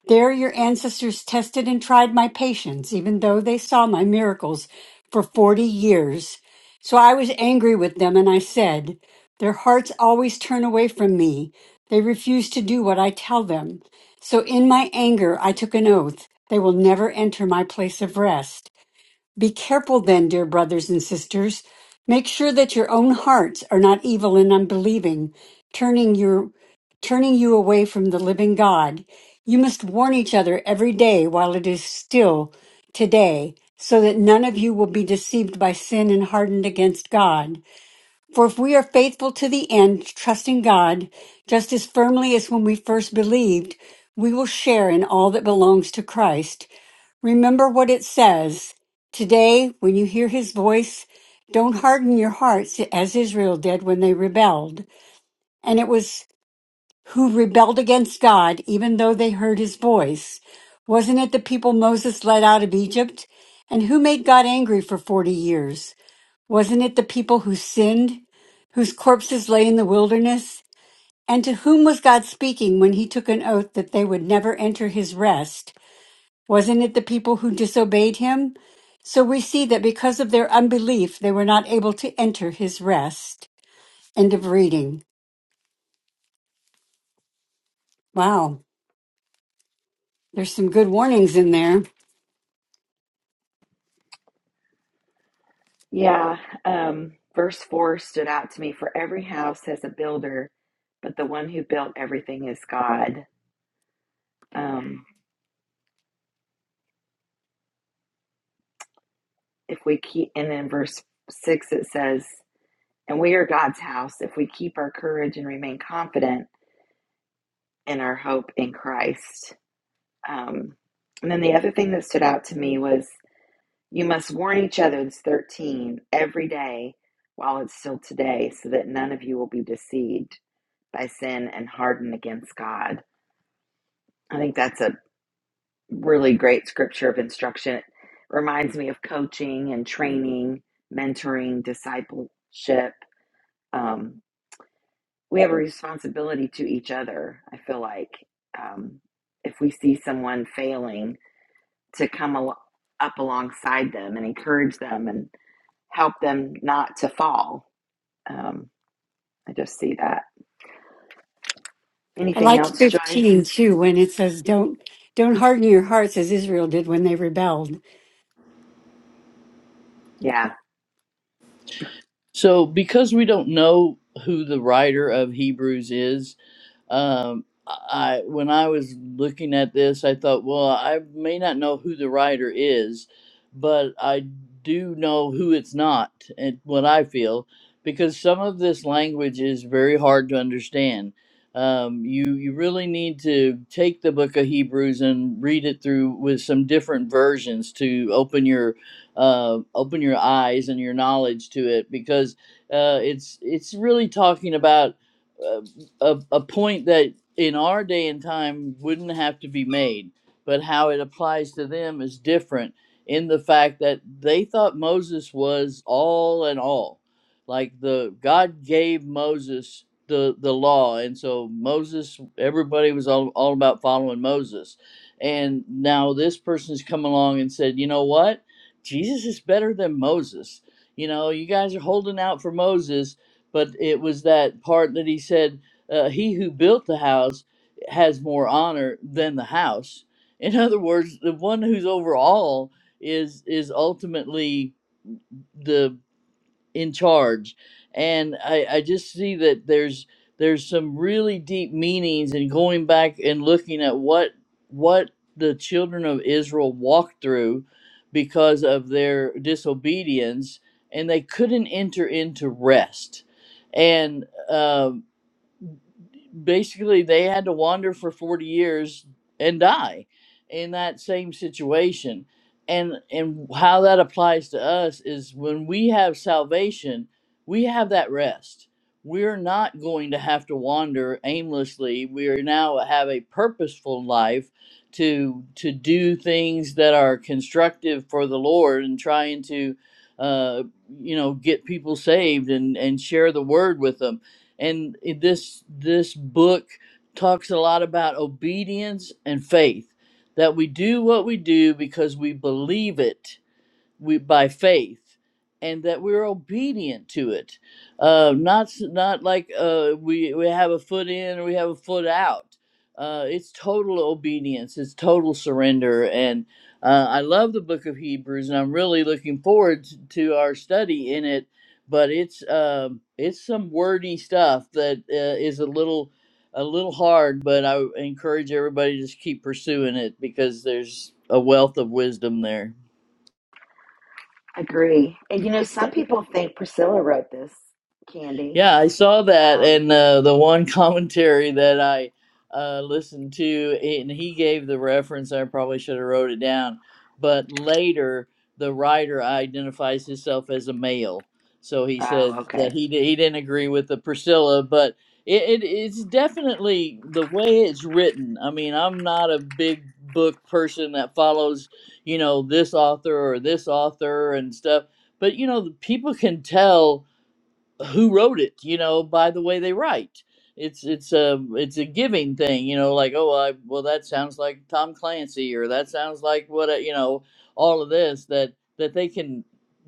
There, your ancestors tested and tried my patience, even though they saw my miracles for 40 years. So I was angry with them, and I said, Their hearts always turn away from me. They refuse to do what I tell them. So in my anger, I took an oath. They will never enter my place of rest. Be careful then, dear brothers and sisters. Make sure that your own hearts are not evil and unbelieving, turning your turning you away from the living God. You must warn each other every day while it is still today, so that none of you will be deceived by sin and hardened against God. For if we are faithful to the end, trusting God just as firmly as when we first believed, we will share in all that belongs to Christ. Remember what it says. Today, when you hear his voice, don't harden your hearts as Israel did when they rebelled. And it was who rebelled against God, even though they heard his voice. Wasn't it the people Moses led out of Egypt? And who made God angry for 40 years? Wasn't it the people who sinned, whose corpses lay in the wilderness? And to whom was God speaking when he took an oath that they would never enter his rest? Wasn't it the people who disobeyed him? So we see that because of their unbelief, they were not able to enter his rest. End of reading. Wow. There's some good warnings in there.
Yeah. Um, verse 4 stood out to me. For every house has a builder, but the one who built everything is God. Um, if we keep, and then verse 6 it says, And we are God's house if we keep our courage and remain confident in our hope in Christ. Um, and then the other thing that stood out to me was you must warn each other, it's 13, every day while it's still today, so that none of you will be deceived by sin and hardened against God. I think that's a really great scripture of instruction. It reminds me of coaching and training, mentoring, discipleship. Um, we have a responsibility to each other, I feel like. Um, if we see someone failing, to come al- up alongside them and encourage them and help them not to fall. Um, I just see that.
I
Anything
like
else, Joyce?
15 too when it says, don't, don't harden your hearts as Israel did when they rebelled.
Yeah,
So, because we don't know who the writer of Hebrews is, um, I when I was looking at this, I thought, well, I may not know who the writer is, but I do know who it's not, and what I feel, because some of this language is very hard to understand. Um, you you really need to take the book of Hebrews and read it through with some different versions to open your uh, open your eyes and your knowledge to it, because uh, it's it's really talking about. uh, a, a point that in our day and time wouldn't have to be made, but how it applies to them is different in the fact that they thought Moses was all and all. Like the God gave Moses the the law, and so Moses, everybody was all, all about following Moses. And now this person's come along and said, you know what? Jesus is better than Moses. You know, you guys are holding out for Moses, but it was that part that he said, uh, he who built the house has more honor than the house. In other words, the one who's over all is is ultimately the in charge. And I, I just see that there's there's some really deep meanings in going back and looking at what what the children of Israel walked through because of their disobedience, and they couldn't enter into rest. And um, basically they had to wander for 40 years and die in that same situation and and how that applies to us is when we have salvation we have that rest we're not going to have to wander aimlessly we are now have a purposeful life to to do things that are constructive for the lord and trying to uh, you know get people saved and and share the word with them and i- this this book talks a lot about obedience and faith that we do what we do because we believe it we by faith and that we're obedient to it uh not s- not like uh we we have a foot in or we have a foot out uh it's total obedience it's total surrender and uh, i love the book of hebrews and i'm really looking forward t- to our study in it but it's um it's some wordy stuff that uh, is a little a little hard but i encourage everybody to just keep pursuing it because there's a wealth of wisdom there
agree. And you know, some people think Priscilla wrote this, Candy.
Yeah, I saw that,
Um,
and uh, the one commentary that I uh, listened to, and he gave the reference. I probably should have wrote it down, but later the writer identifies himself as a male, so he
oh,
said that
okay.
he di- he didn't agree with the Priscilla, but it, it it's definitely the way it's written. I mean, I'm not a big book person that follows, you know, this author or this author and stuff, but you know, people can tell who wrote it you know by the way they write it's it's a it's a giving thing you know like oh I, well that sounds like tom clancy or that sounds like what a, you know all of this that that they can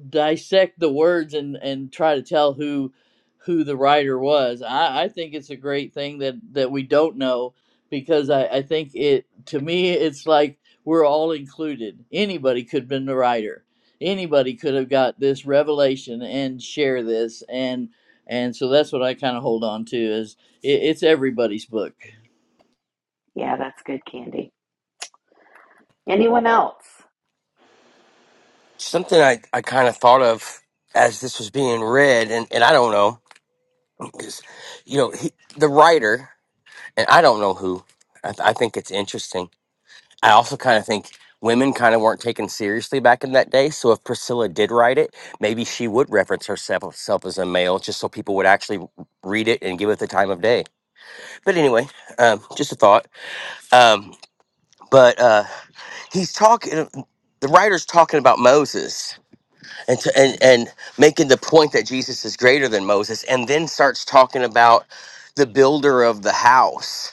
dissect the words and and try to tell who who the writer was i i think it's a great thing that that we don't know because i i think it to me it's like we're all included anybody could have been the writer anybody could have got this revelation and share this and and so that's what i kind of hold on to is it, it's everybody's book
Yeah, that's good, Candy. Anyone else?
Something I I kind of thought of as this was being read and and I don't know know because, you know, he, the writer and I don't know who. I, th- I think it's interesting. I also kind of think women kind of weren't taken seriously back in that day. So if Priscilla did write it, maybe she would reference herself herself as a male, just so people would actually read it and give it the time of day. But anyway, um, just a thought. Um, but uh, he's talking. uh, The writer's talking about Moses and, to, and and making the point that Jesus is greater than Moses, and then starts talking about the builder of the house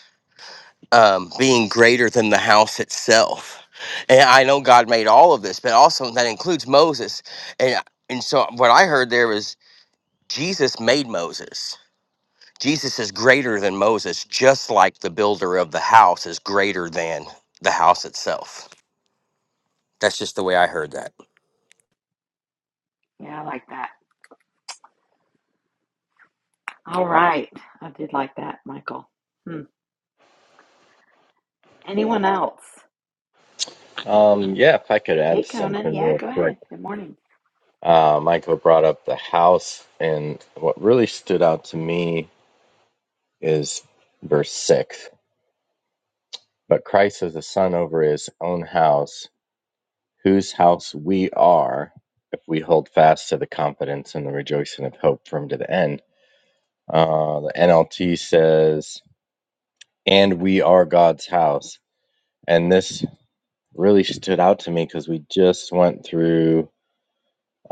um, being greater than the house itself. And I know God made all of this, but also that includes Moses. And and so what I heard there was Jesus made Moses. Jesus is greater than Moses, just like the builder of the house is greater than the house itself. That's just the way I heard that.
Yeah, I like that. All right. I did like that, Michael. Hmm. Anyone else?
Um, yeah, if I could add
Hey, Conan.
something
Yeah,
real
go
quick.
ahead. Good morning.
Uh, Michael brought up the house, and what really stood out to me is verse 6. But Christ is the son over his own house, whose house we are, if we hold fast to the confidence and the rejoicing of hope from to the end. Uh, the NLT says, and we are God's house. And this really stood out to me because we just went through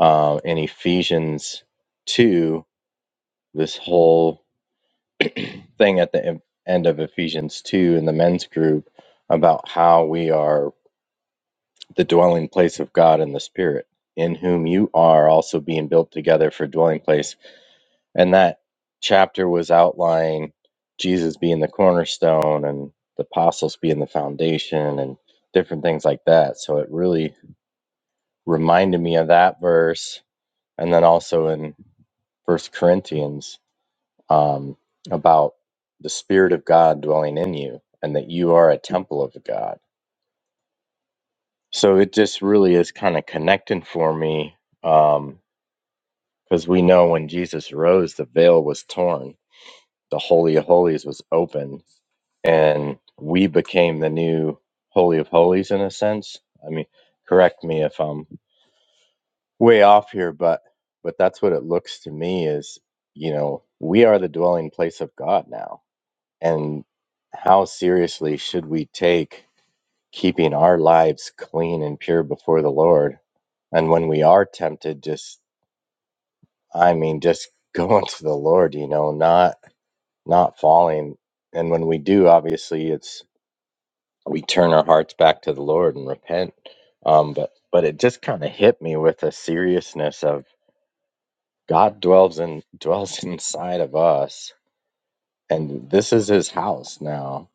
uh, in Ephesians 2 this whole thing at the en- end of Ephesians 2 in the men's group about how we are the dwelling place of God in the Spirit, in whom you are also being built together for dwelling place. And that chapter was outlining Jesus being the cornerstone and the apostles being the foundation and different things like that. So it really reminded me of that verse. And then also in First Corinthians um, about the Spirit of God dwelling in you and that you are a temple of God. So it just really is kind of connecting for me because we know when Jesus rose, the veil was torn, the Holy of Holies was open, and we became the new Holy of Holies in a sense. I mean, correct me if I'm way off here, but but that's what it looks to me is you know we are the dwelling place of God now And how seriously should we take keeping our lives clean and pure before the Lord? And when we are tempted, just I mean, just going to the Lord, you know, not not falling. And when we do, obviously, it's we turn our hearts back to the Lord and repent. Um, but but it just kind of hit me with a seriousness of God dwells in dwells inside of us, and this is His house now,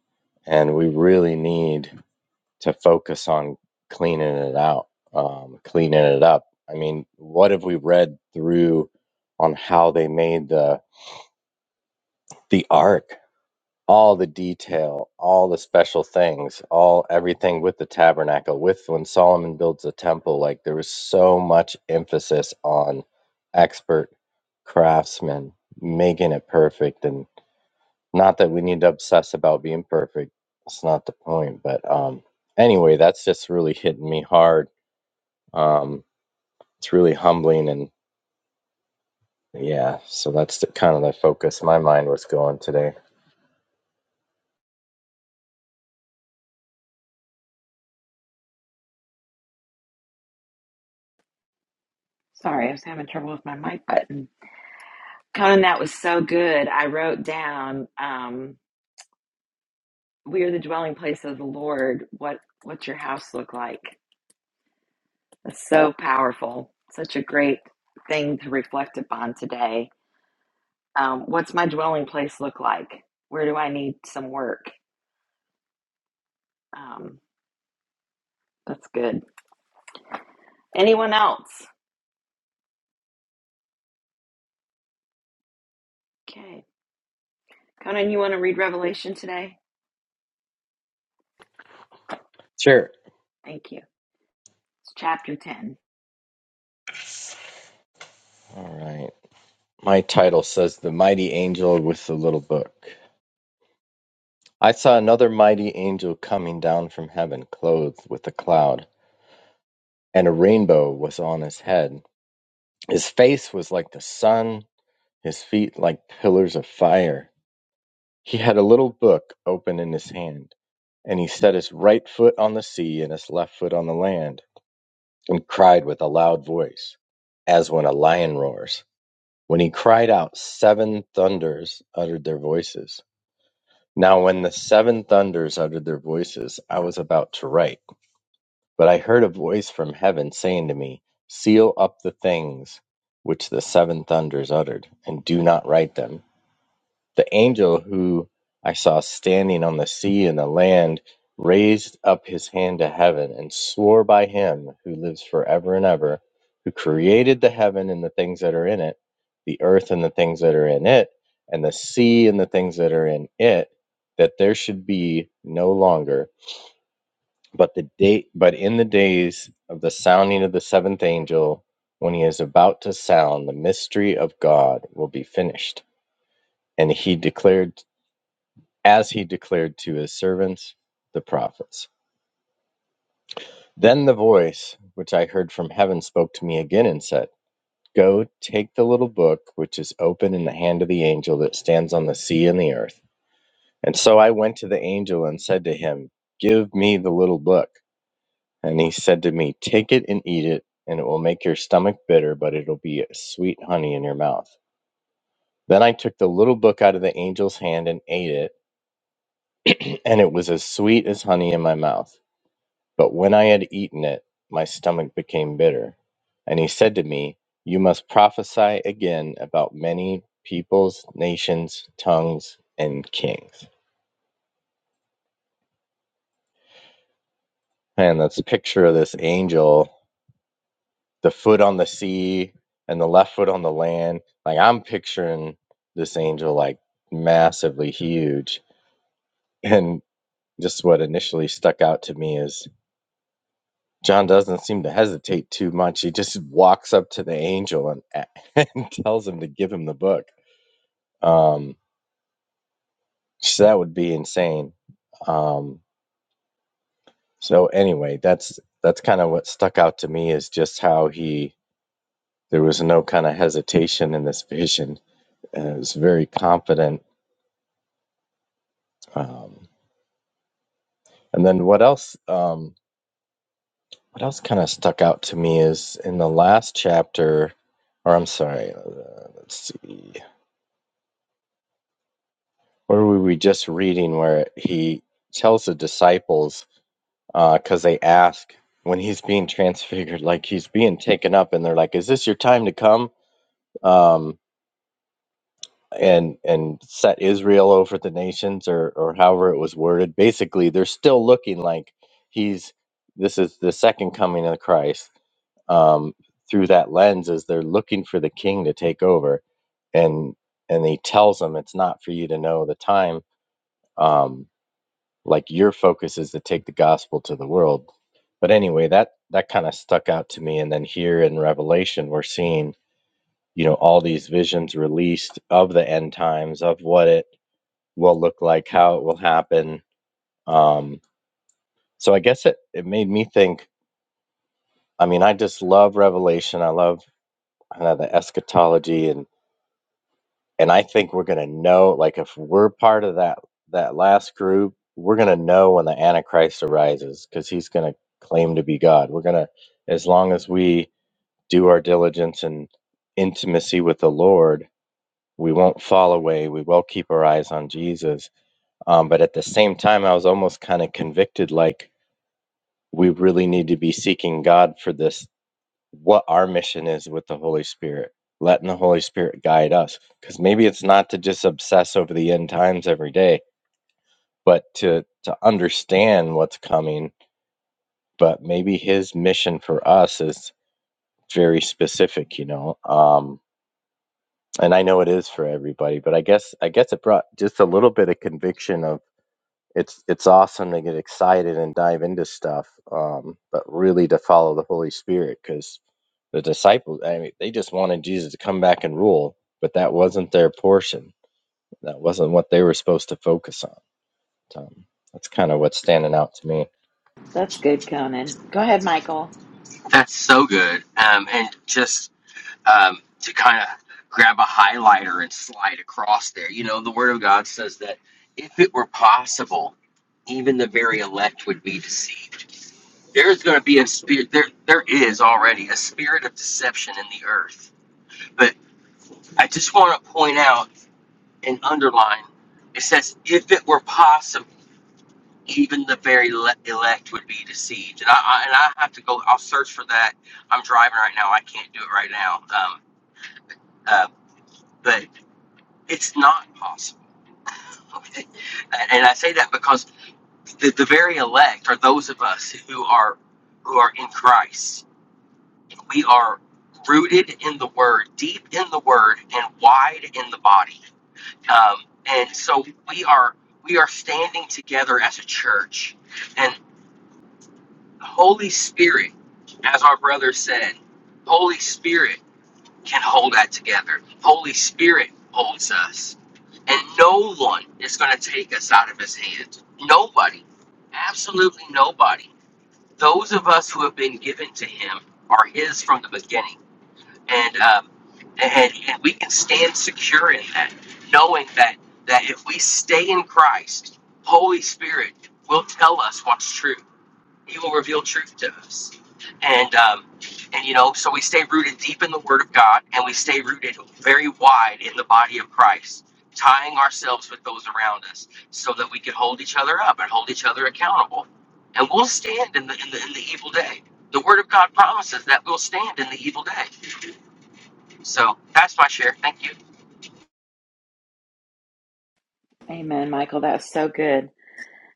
and we really need to focus on cleaning it out, um, cleaning it up. I mean, what have we read through on how they made the the ark? All the detail, all the special things, all everything with the tabernacle, with when Solomon builds the temple, like there was so much emphasis on expert craftsmen making it perfect. And not that we need to obsess about being perfect. It's not the point. But um anyway, that's just really hitting me hard Um, it's really humbling, and yeah, so that's the, kind of the focus my mind was going today.
Sorry, I was having trouble with my mic button. Conan, that was so good. I wrote down, um, "We are the dwelling place of the Lord." What what's your house look like? That's so powerful. Such a great thing to reflect upon today. Um, what's my dwelling place look like? Where do I need some work? Um, that's good. Anyone else? Okay, Conan, you want to read Revelation today?
Sure.
Thank you. It's chapter ten.
All right. My title says The Mighty Angel with the Little Book. I saw another mighty angel coming down from heaven, clothed with a cloud, and a rainbow was on his head. His face was like the sun, his feet like pillars of fire. He had a little book open in his hand, and he set his right foot on the sea and his left foot on the land. and cried with a loud voice, as when a lion roars. When he cried out, seven thunders uttered their voices. Now, when the seven thunders uttered their voices, I was about to write, but I heard a voice from heaven saying to me, Seal up the things which the seven thunders uttered, and do not write them. The angel who I saw standing on the sea and the land raised up his hand to heaven and swore by him who lives forever and ever, who created the heaven and the things that are in it, the earth and the things that are in it, and the sea and the things that are in it, that there should be no longer. But the day, but in the days of the sounding of the seventh angel, when he is about to sound, the mystery of God will be finished and he declared as he declared to his servants, the prophets. Then the voice which I heard from heaven spoke to me again and said, Go, take the little book which is open in the hand of the angel that stands on the sea and the earth. And so I went to the angel and said to him, Give me the little book. And he said to me, Take it and eat it, and it will make your stomach bitter, but it'll be sweet honey in your mouth. Then I took the little book out of the angel's hand and ate it, and it was as sweet as honey in my mouth. But when I had eaten it, my stomach became bitter. And he said to me, You must prophesy again about many peoples, nations, tongues, and kings. And that's a picture of this angel, the foot on the sea and the left foot on the land. Like I'm picturing this angel like massively huge. And just what initially stuck out to me is John doesn't seem to hesitate too much. He just walks up to the angel and, and tells him to give him the book. Um, so that would be insane. Um, so anyway, that's that's kind of what stuck out to me is just how he there was no kind of hesitation in this vision. And it was very confident. Um, and then what else? Um, what else kind of stuck out to me is in the last chapter, or I'm sorry, uh, let's see. Or were we just reading where he tells the disciples, because uh, they ask when he's being transfigured, like he's being taken up, and they're like, "Is this your time to come?" Um, and and set Israel over the nations, or or however it was worded. Basically, they're still looking like he's this is the second coming of Christ. Um, through that lens, as they're looking for the King to take over, and and he tells them it's not for you to know the time. Um, like your focus is to take the gospel to the world but anyway that that kind of stuck out to me and then here in revelation we're seeing you know all these visions released of the end times of what it will look like how it will happen um so i guess it it made me think i mean i just love revelation i love kind of the eschatology and. and I think we're gonna know, like if we're part of that that last group, we're gonna know when the Antichrist arises because he's gonna claim to be God. We're gonna, as long as we do our diligence and intimacy with the Lord, we won't fall away. We will keep our eyes on Jesus. Um, but at the same time, I was almost kind of convicted, like we really need to be seeking God for this what our mission is with the Holy Spirit, letting the Holy Spirit guide us. Because maybe it's not to just obsess over the end times every day, but to to understand what's coming. But maybe His mission for us is very specific, you know. Um, and I know it is for everybody, but I guess I guess it brought just a little bit of conviction of it's it's awesome to get excited and dive into stuff, um, but really to follow the Holy Spirit because the disciples, I mean, they just wanted Jesus to come back and rule, but that wasn't their portion. That wasn't what they were supposed to focus on. Um, that's kind of what's standing out to me.
That's good, Conan. Go ahead, Michael.
That's so good. Um, and just um, to kind of grab a highlighter and slide across there. You know, the Word of God says that if it were possible, even the very elect would be deceived. There's going to be a spirit. There, there is already a spirit of deception in the earth. But I just want to point out and underline. It says, if it were possible, even the very le- elect would be deceived. And I, I and I have to go. I'll search for that. I'm driving right now. I can't do it right now. Um, uh, but It's not possible. Okay? And I say that because the, the very elect are those of us who are who are in Christ. We are rooted in the Word, deep in the Word, and wide in the body. Um, and so we are we are standing together as a church. And the Holy Spirit, as our brother said, Holy Spirit can hold that together. Holy Spirit holds us. And no one is going to take us out of his hand. Nobody. Absolutely nobody. Those of us who have been given to him are his from the beginning. And, um, and, and we can stand secure in that, knowing that, that if we stay in Christ, Holy Spirit will tell us what's true. He will reveal truth to us. And, um, and you know, so we stay rooted deep in the Word of God and we stay rooted very wide in the body of Christ, tying ourselves with those around us so that we can hold each other up and hold each other accountable. And we'll stand in the, in the, in the evil day. The Word of God promises that we'll stand in the evil day. So that's my share. Thank you.
Amen, Michael. That was so good.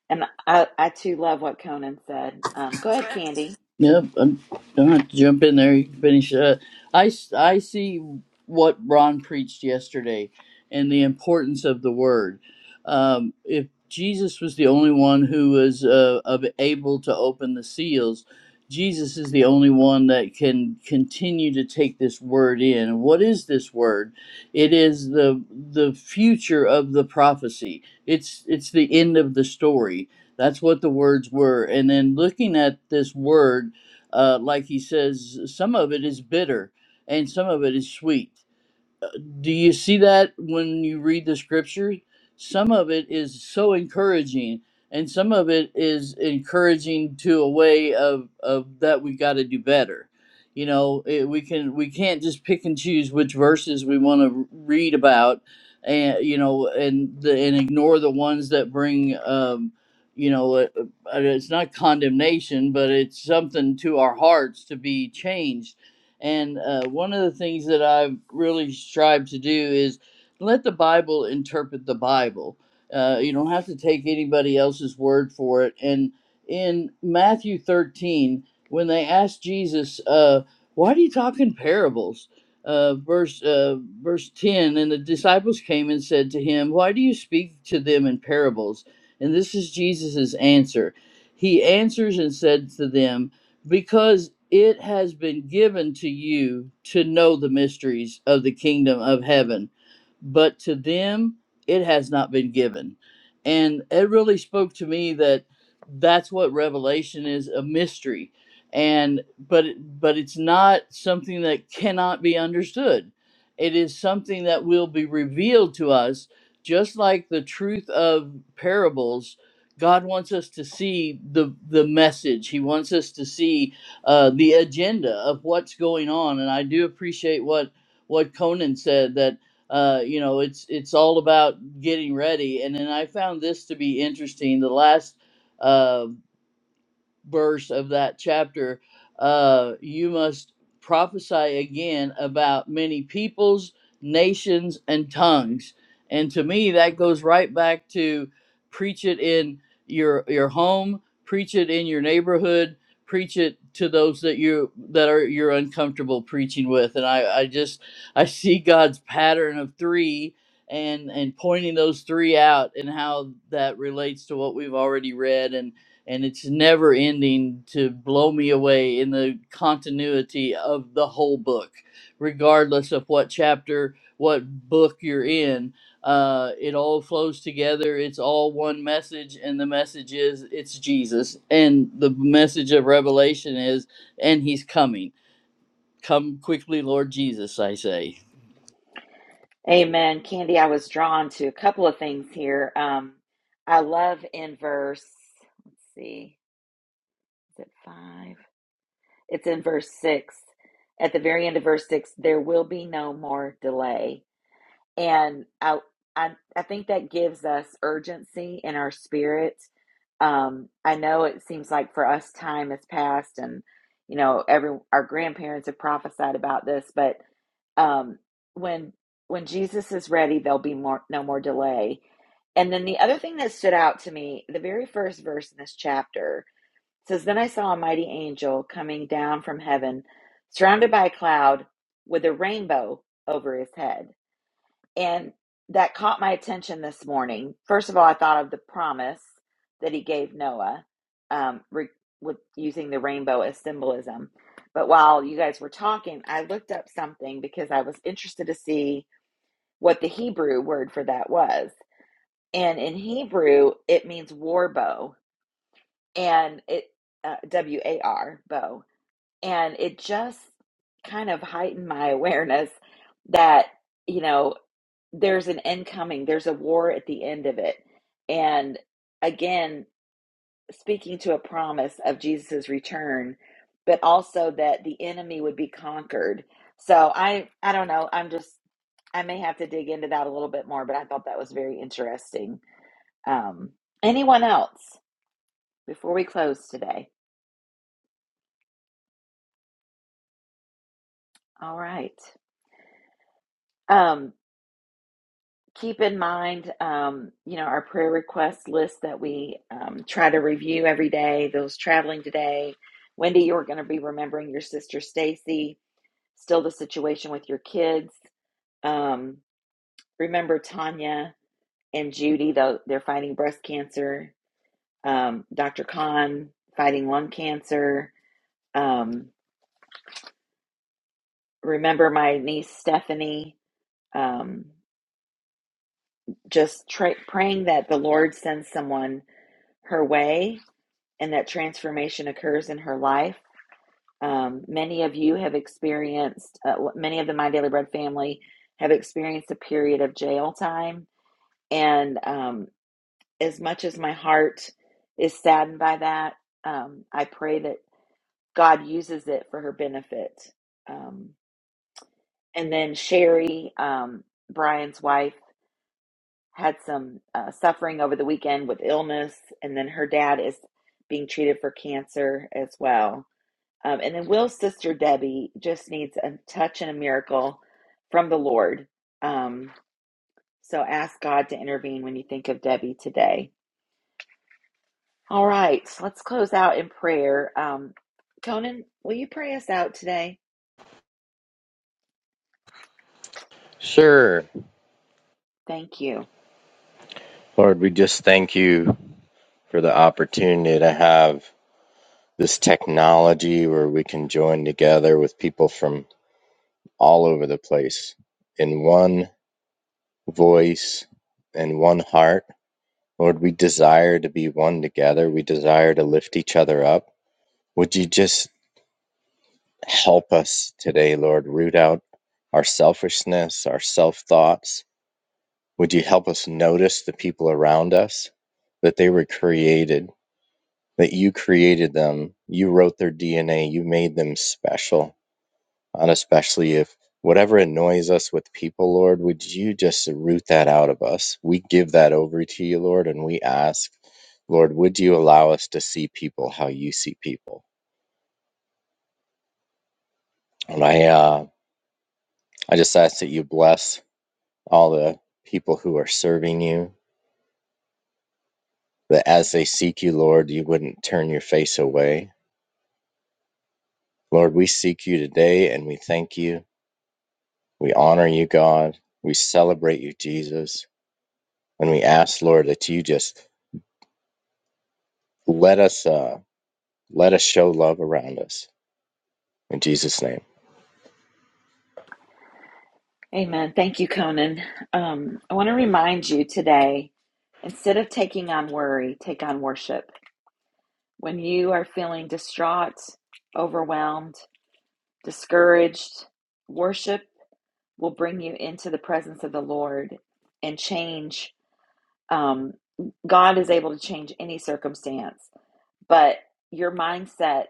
And I, I too love what Conan said. Um, go ahead, Candy.
Yep, I'm, don't have to jump in there. You can finish. Uh, I, s- I see what Ron preached yesterday and the importance of the word. Um, if Jesus was the only one who was uh, of able to open the seals, Jesus is the only one that can continue to take this word in. And What is this word? It is the the future of the prophecy. It's it's the end of the story that's what the words were. And then looking at this word, uh, like he says, some of it is bitter and some of it is sweet do you see that when you read the scriptures? Some of it is so encouraging, and some of it is encouraging to a way of, of that we got to do better. You know, it, we can we can't just pick and choose which verses we want to read about, and you know, and the, and ignore the ones that bring, um, you know, uh uh, it's not condemnation, but it's something to our hearts to be changed and uh, one of the things that I've really strived to do is let the Bible interpret the Bible. Uh, you don't have to take anybody else's word for it. And in Matthew 13, when they asked Jesus, uh, Why do you talk in parables? Uh, verse uh, verse 10 and the disciples came and said to him why do you speak to them in parables and this is jesus' answer he answers and said to them because it has been given to you to know the mysteries of the kingdom of heaven, but to them it has not been given. And it really spoke to me that that's what revelation is a mystery and but it- but it's not something that cannot be understood it is something that will be revealed to us just like the truth of parables God wants us to see the the message. He wants us to see uh, the agenda of what's going on. And I do appreciate what what Conan said that uh, you know it's it's all about getting ready. And then I found this to be interesting. The last uh, verse of that chapter, uh, you must prophesy again about many peoples, nations, and tongues. And to me, that goes right back to preach it in your your home, preach it in your neighborhood, preach it to those that you that are you're uncomfortable preaching with. And I, I just I see God's pattern of three and and pointing those three out and how that relates to what we've already read and and it's never ending to blow me away in the continuity of the whole book, regardless of what chapter, what book you're in. Uh, it all flows together. It's all one message, and the message is it's Jesus. And the message of Revelation is, and He's coming. Come quickly, Lord Jesus, I say.
Amen. Candy, I was drawn to a couple of things here. Um, I love in verse, let's see, is it five? It's in verse six. At the very end of verse six, there will be no more delay. And I, I, I think that gives us urgency in our spirit. Um, I know it seems like for us, time has passed, and you know, every our grandparents have prophesied about this, but um, when when Jesus is ready, there'll be more no more delay. And then the other thing that stood out to me, the very first verse in this chapter says, "Then I saw a mighty angel coming down from heaven, surrounded by a cloud, with a rainbow over his head." and that caught my attention this morning. First of all, I thought of the promise that he gave Noah um, re- with using the rainbow as symbolism. But while you guys were talking, I looked up something because I was interested to see what the Hebrew word for that was. And in Hebrew, it means war bow, and it uh, W A R bow. And it just kind of heightened my awareness that, you know, there's an incoming, there's a war at the end of it. And again, speaking to a promise of Jesus's return, but also that the enemy would be conquered. So I I don't know. I'm just I may have to dig into that a little bit more, but I thought that was very interesting. Um anyone else before we close today? All right. Um, keep in mind, um, you know, our prayer request list that we um, try to review every day. Those traveling today, Wendy, you're going to be remembering your sister Stacy. Still, the situation with your kids. Um, remember Tanya and Judy, though they're fighting breast cancer. Um, Dr. Khan fighting lung cancer. Um, remember my niece Stephanie. Um, just tra- praying that the Lord sends someone her way and that transformation occurs in her life. Um, many of you have experienced, uh, many of the My Daily Bread family have experienced a period of jail time. And um, as much as my heart is saddened by that, um, I pray that God uses it for her benefit. Um, and then Sherry, um, Brian's wife, had some uh, suffering over the weekend with illness, and then her dad is being treated for cancer as well. Um, and then Will's sister Debbie just needs a touch and a miracle from the Lord. Um, so ask God to intervene when you think of Debbie today. All right, so let's close out in prayer. Um, Conan, will you pray us out today?
Sure,
Thank you.
Lord, we just thank you for the opportunity to have this technology where we can join together with people from all over the place in one voice and one heart. Lord, we desire to be one together. We desire to lift each other up. Would you just help us today, Lord, root out our selfishness, our self thoughts? Would you help us notice the people around us that they were created, that you created them, you wrote their DNA, you made them special and especially if whatever annoys us with people, Lord, would you just root that out of us? We give that over to you, Lord, and we ask, Lord, would you allow us to see people how you see people? And I, uh, I just ask that you bless all the people who are serving you, that as they seek you, Lord, you wouldn't turn your face away. Lord, we seek you today and we thank you. We honor you, God. We celebrate you, Jesus. And we ask, Lord, that you just let us. Uh, Let us show love around us. In Jesus' name.
Amen. Thank you, Conan. Um, I want to remind you today instead of taking on worry, take on worship. When you are feeling distraught, overwhelmed, discouraged, worship. will bring you into the presence of the Lord and change. Um, God is able to change any circumstance, but your mindset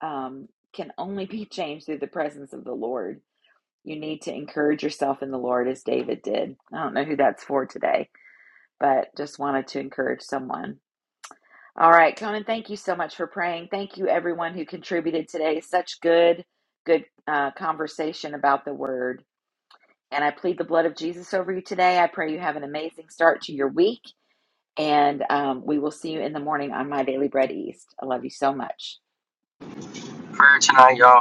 um, can only be changed through the presence of the Lord. You need to encourage yourself in the Lord as David did. I don't know who that's for today, but just wanted to encourage someone. All right, Conan, thank you so much for praying. Thank you, everyone who contributed today. Such good, good uh, conversation about the word. And I plead the blood of Jesus over you today. I pray you have an amazing start to your week. And um, we will see you in the morning on My Daily Bread East. I love you so much.
Prayer tonight, y'all.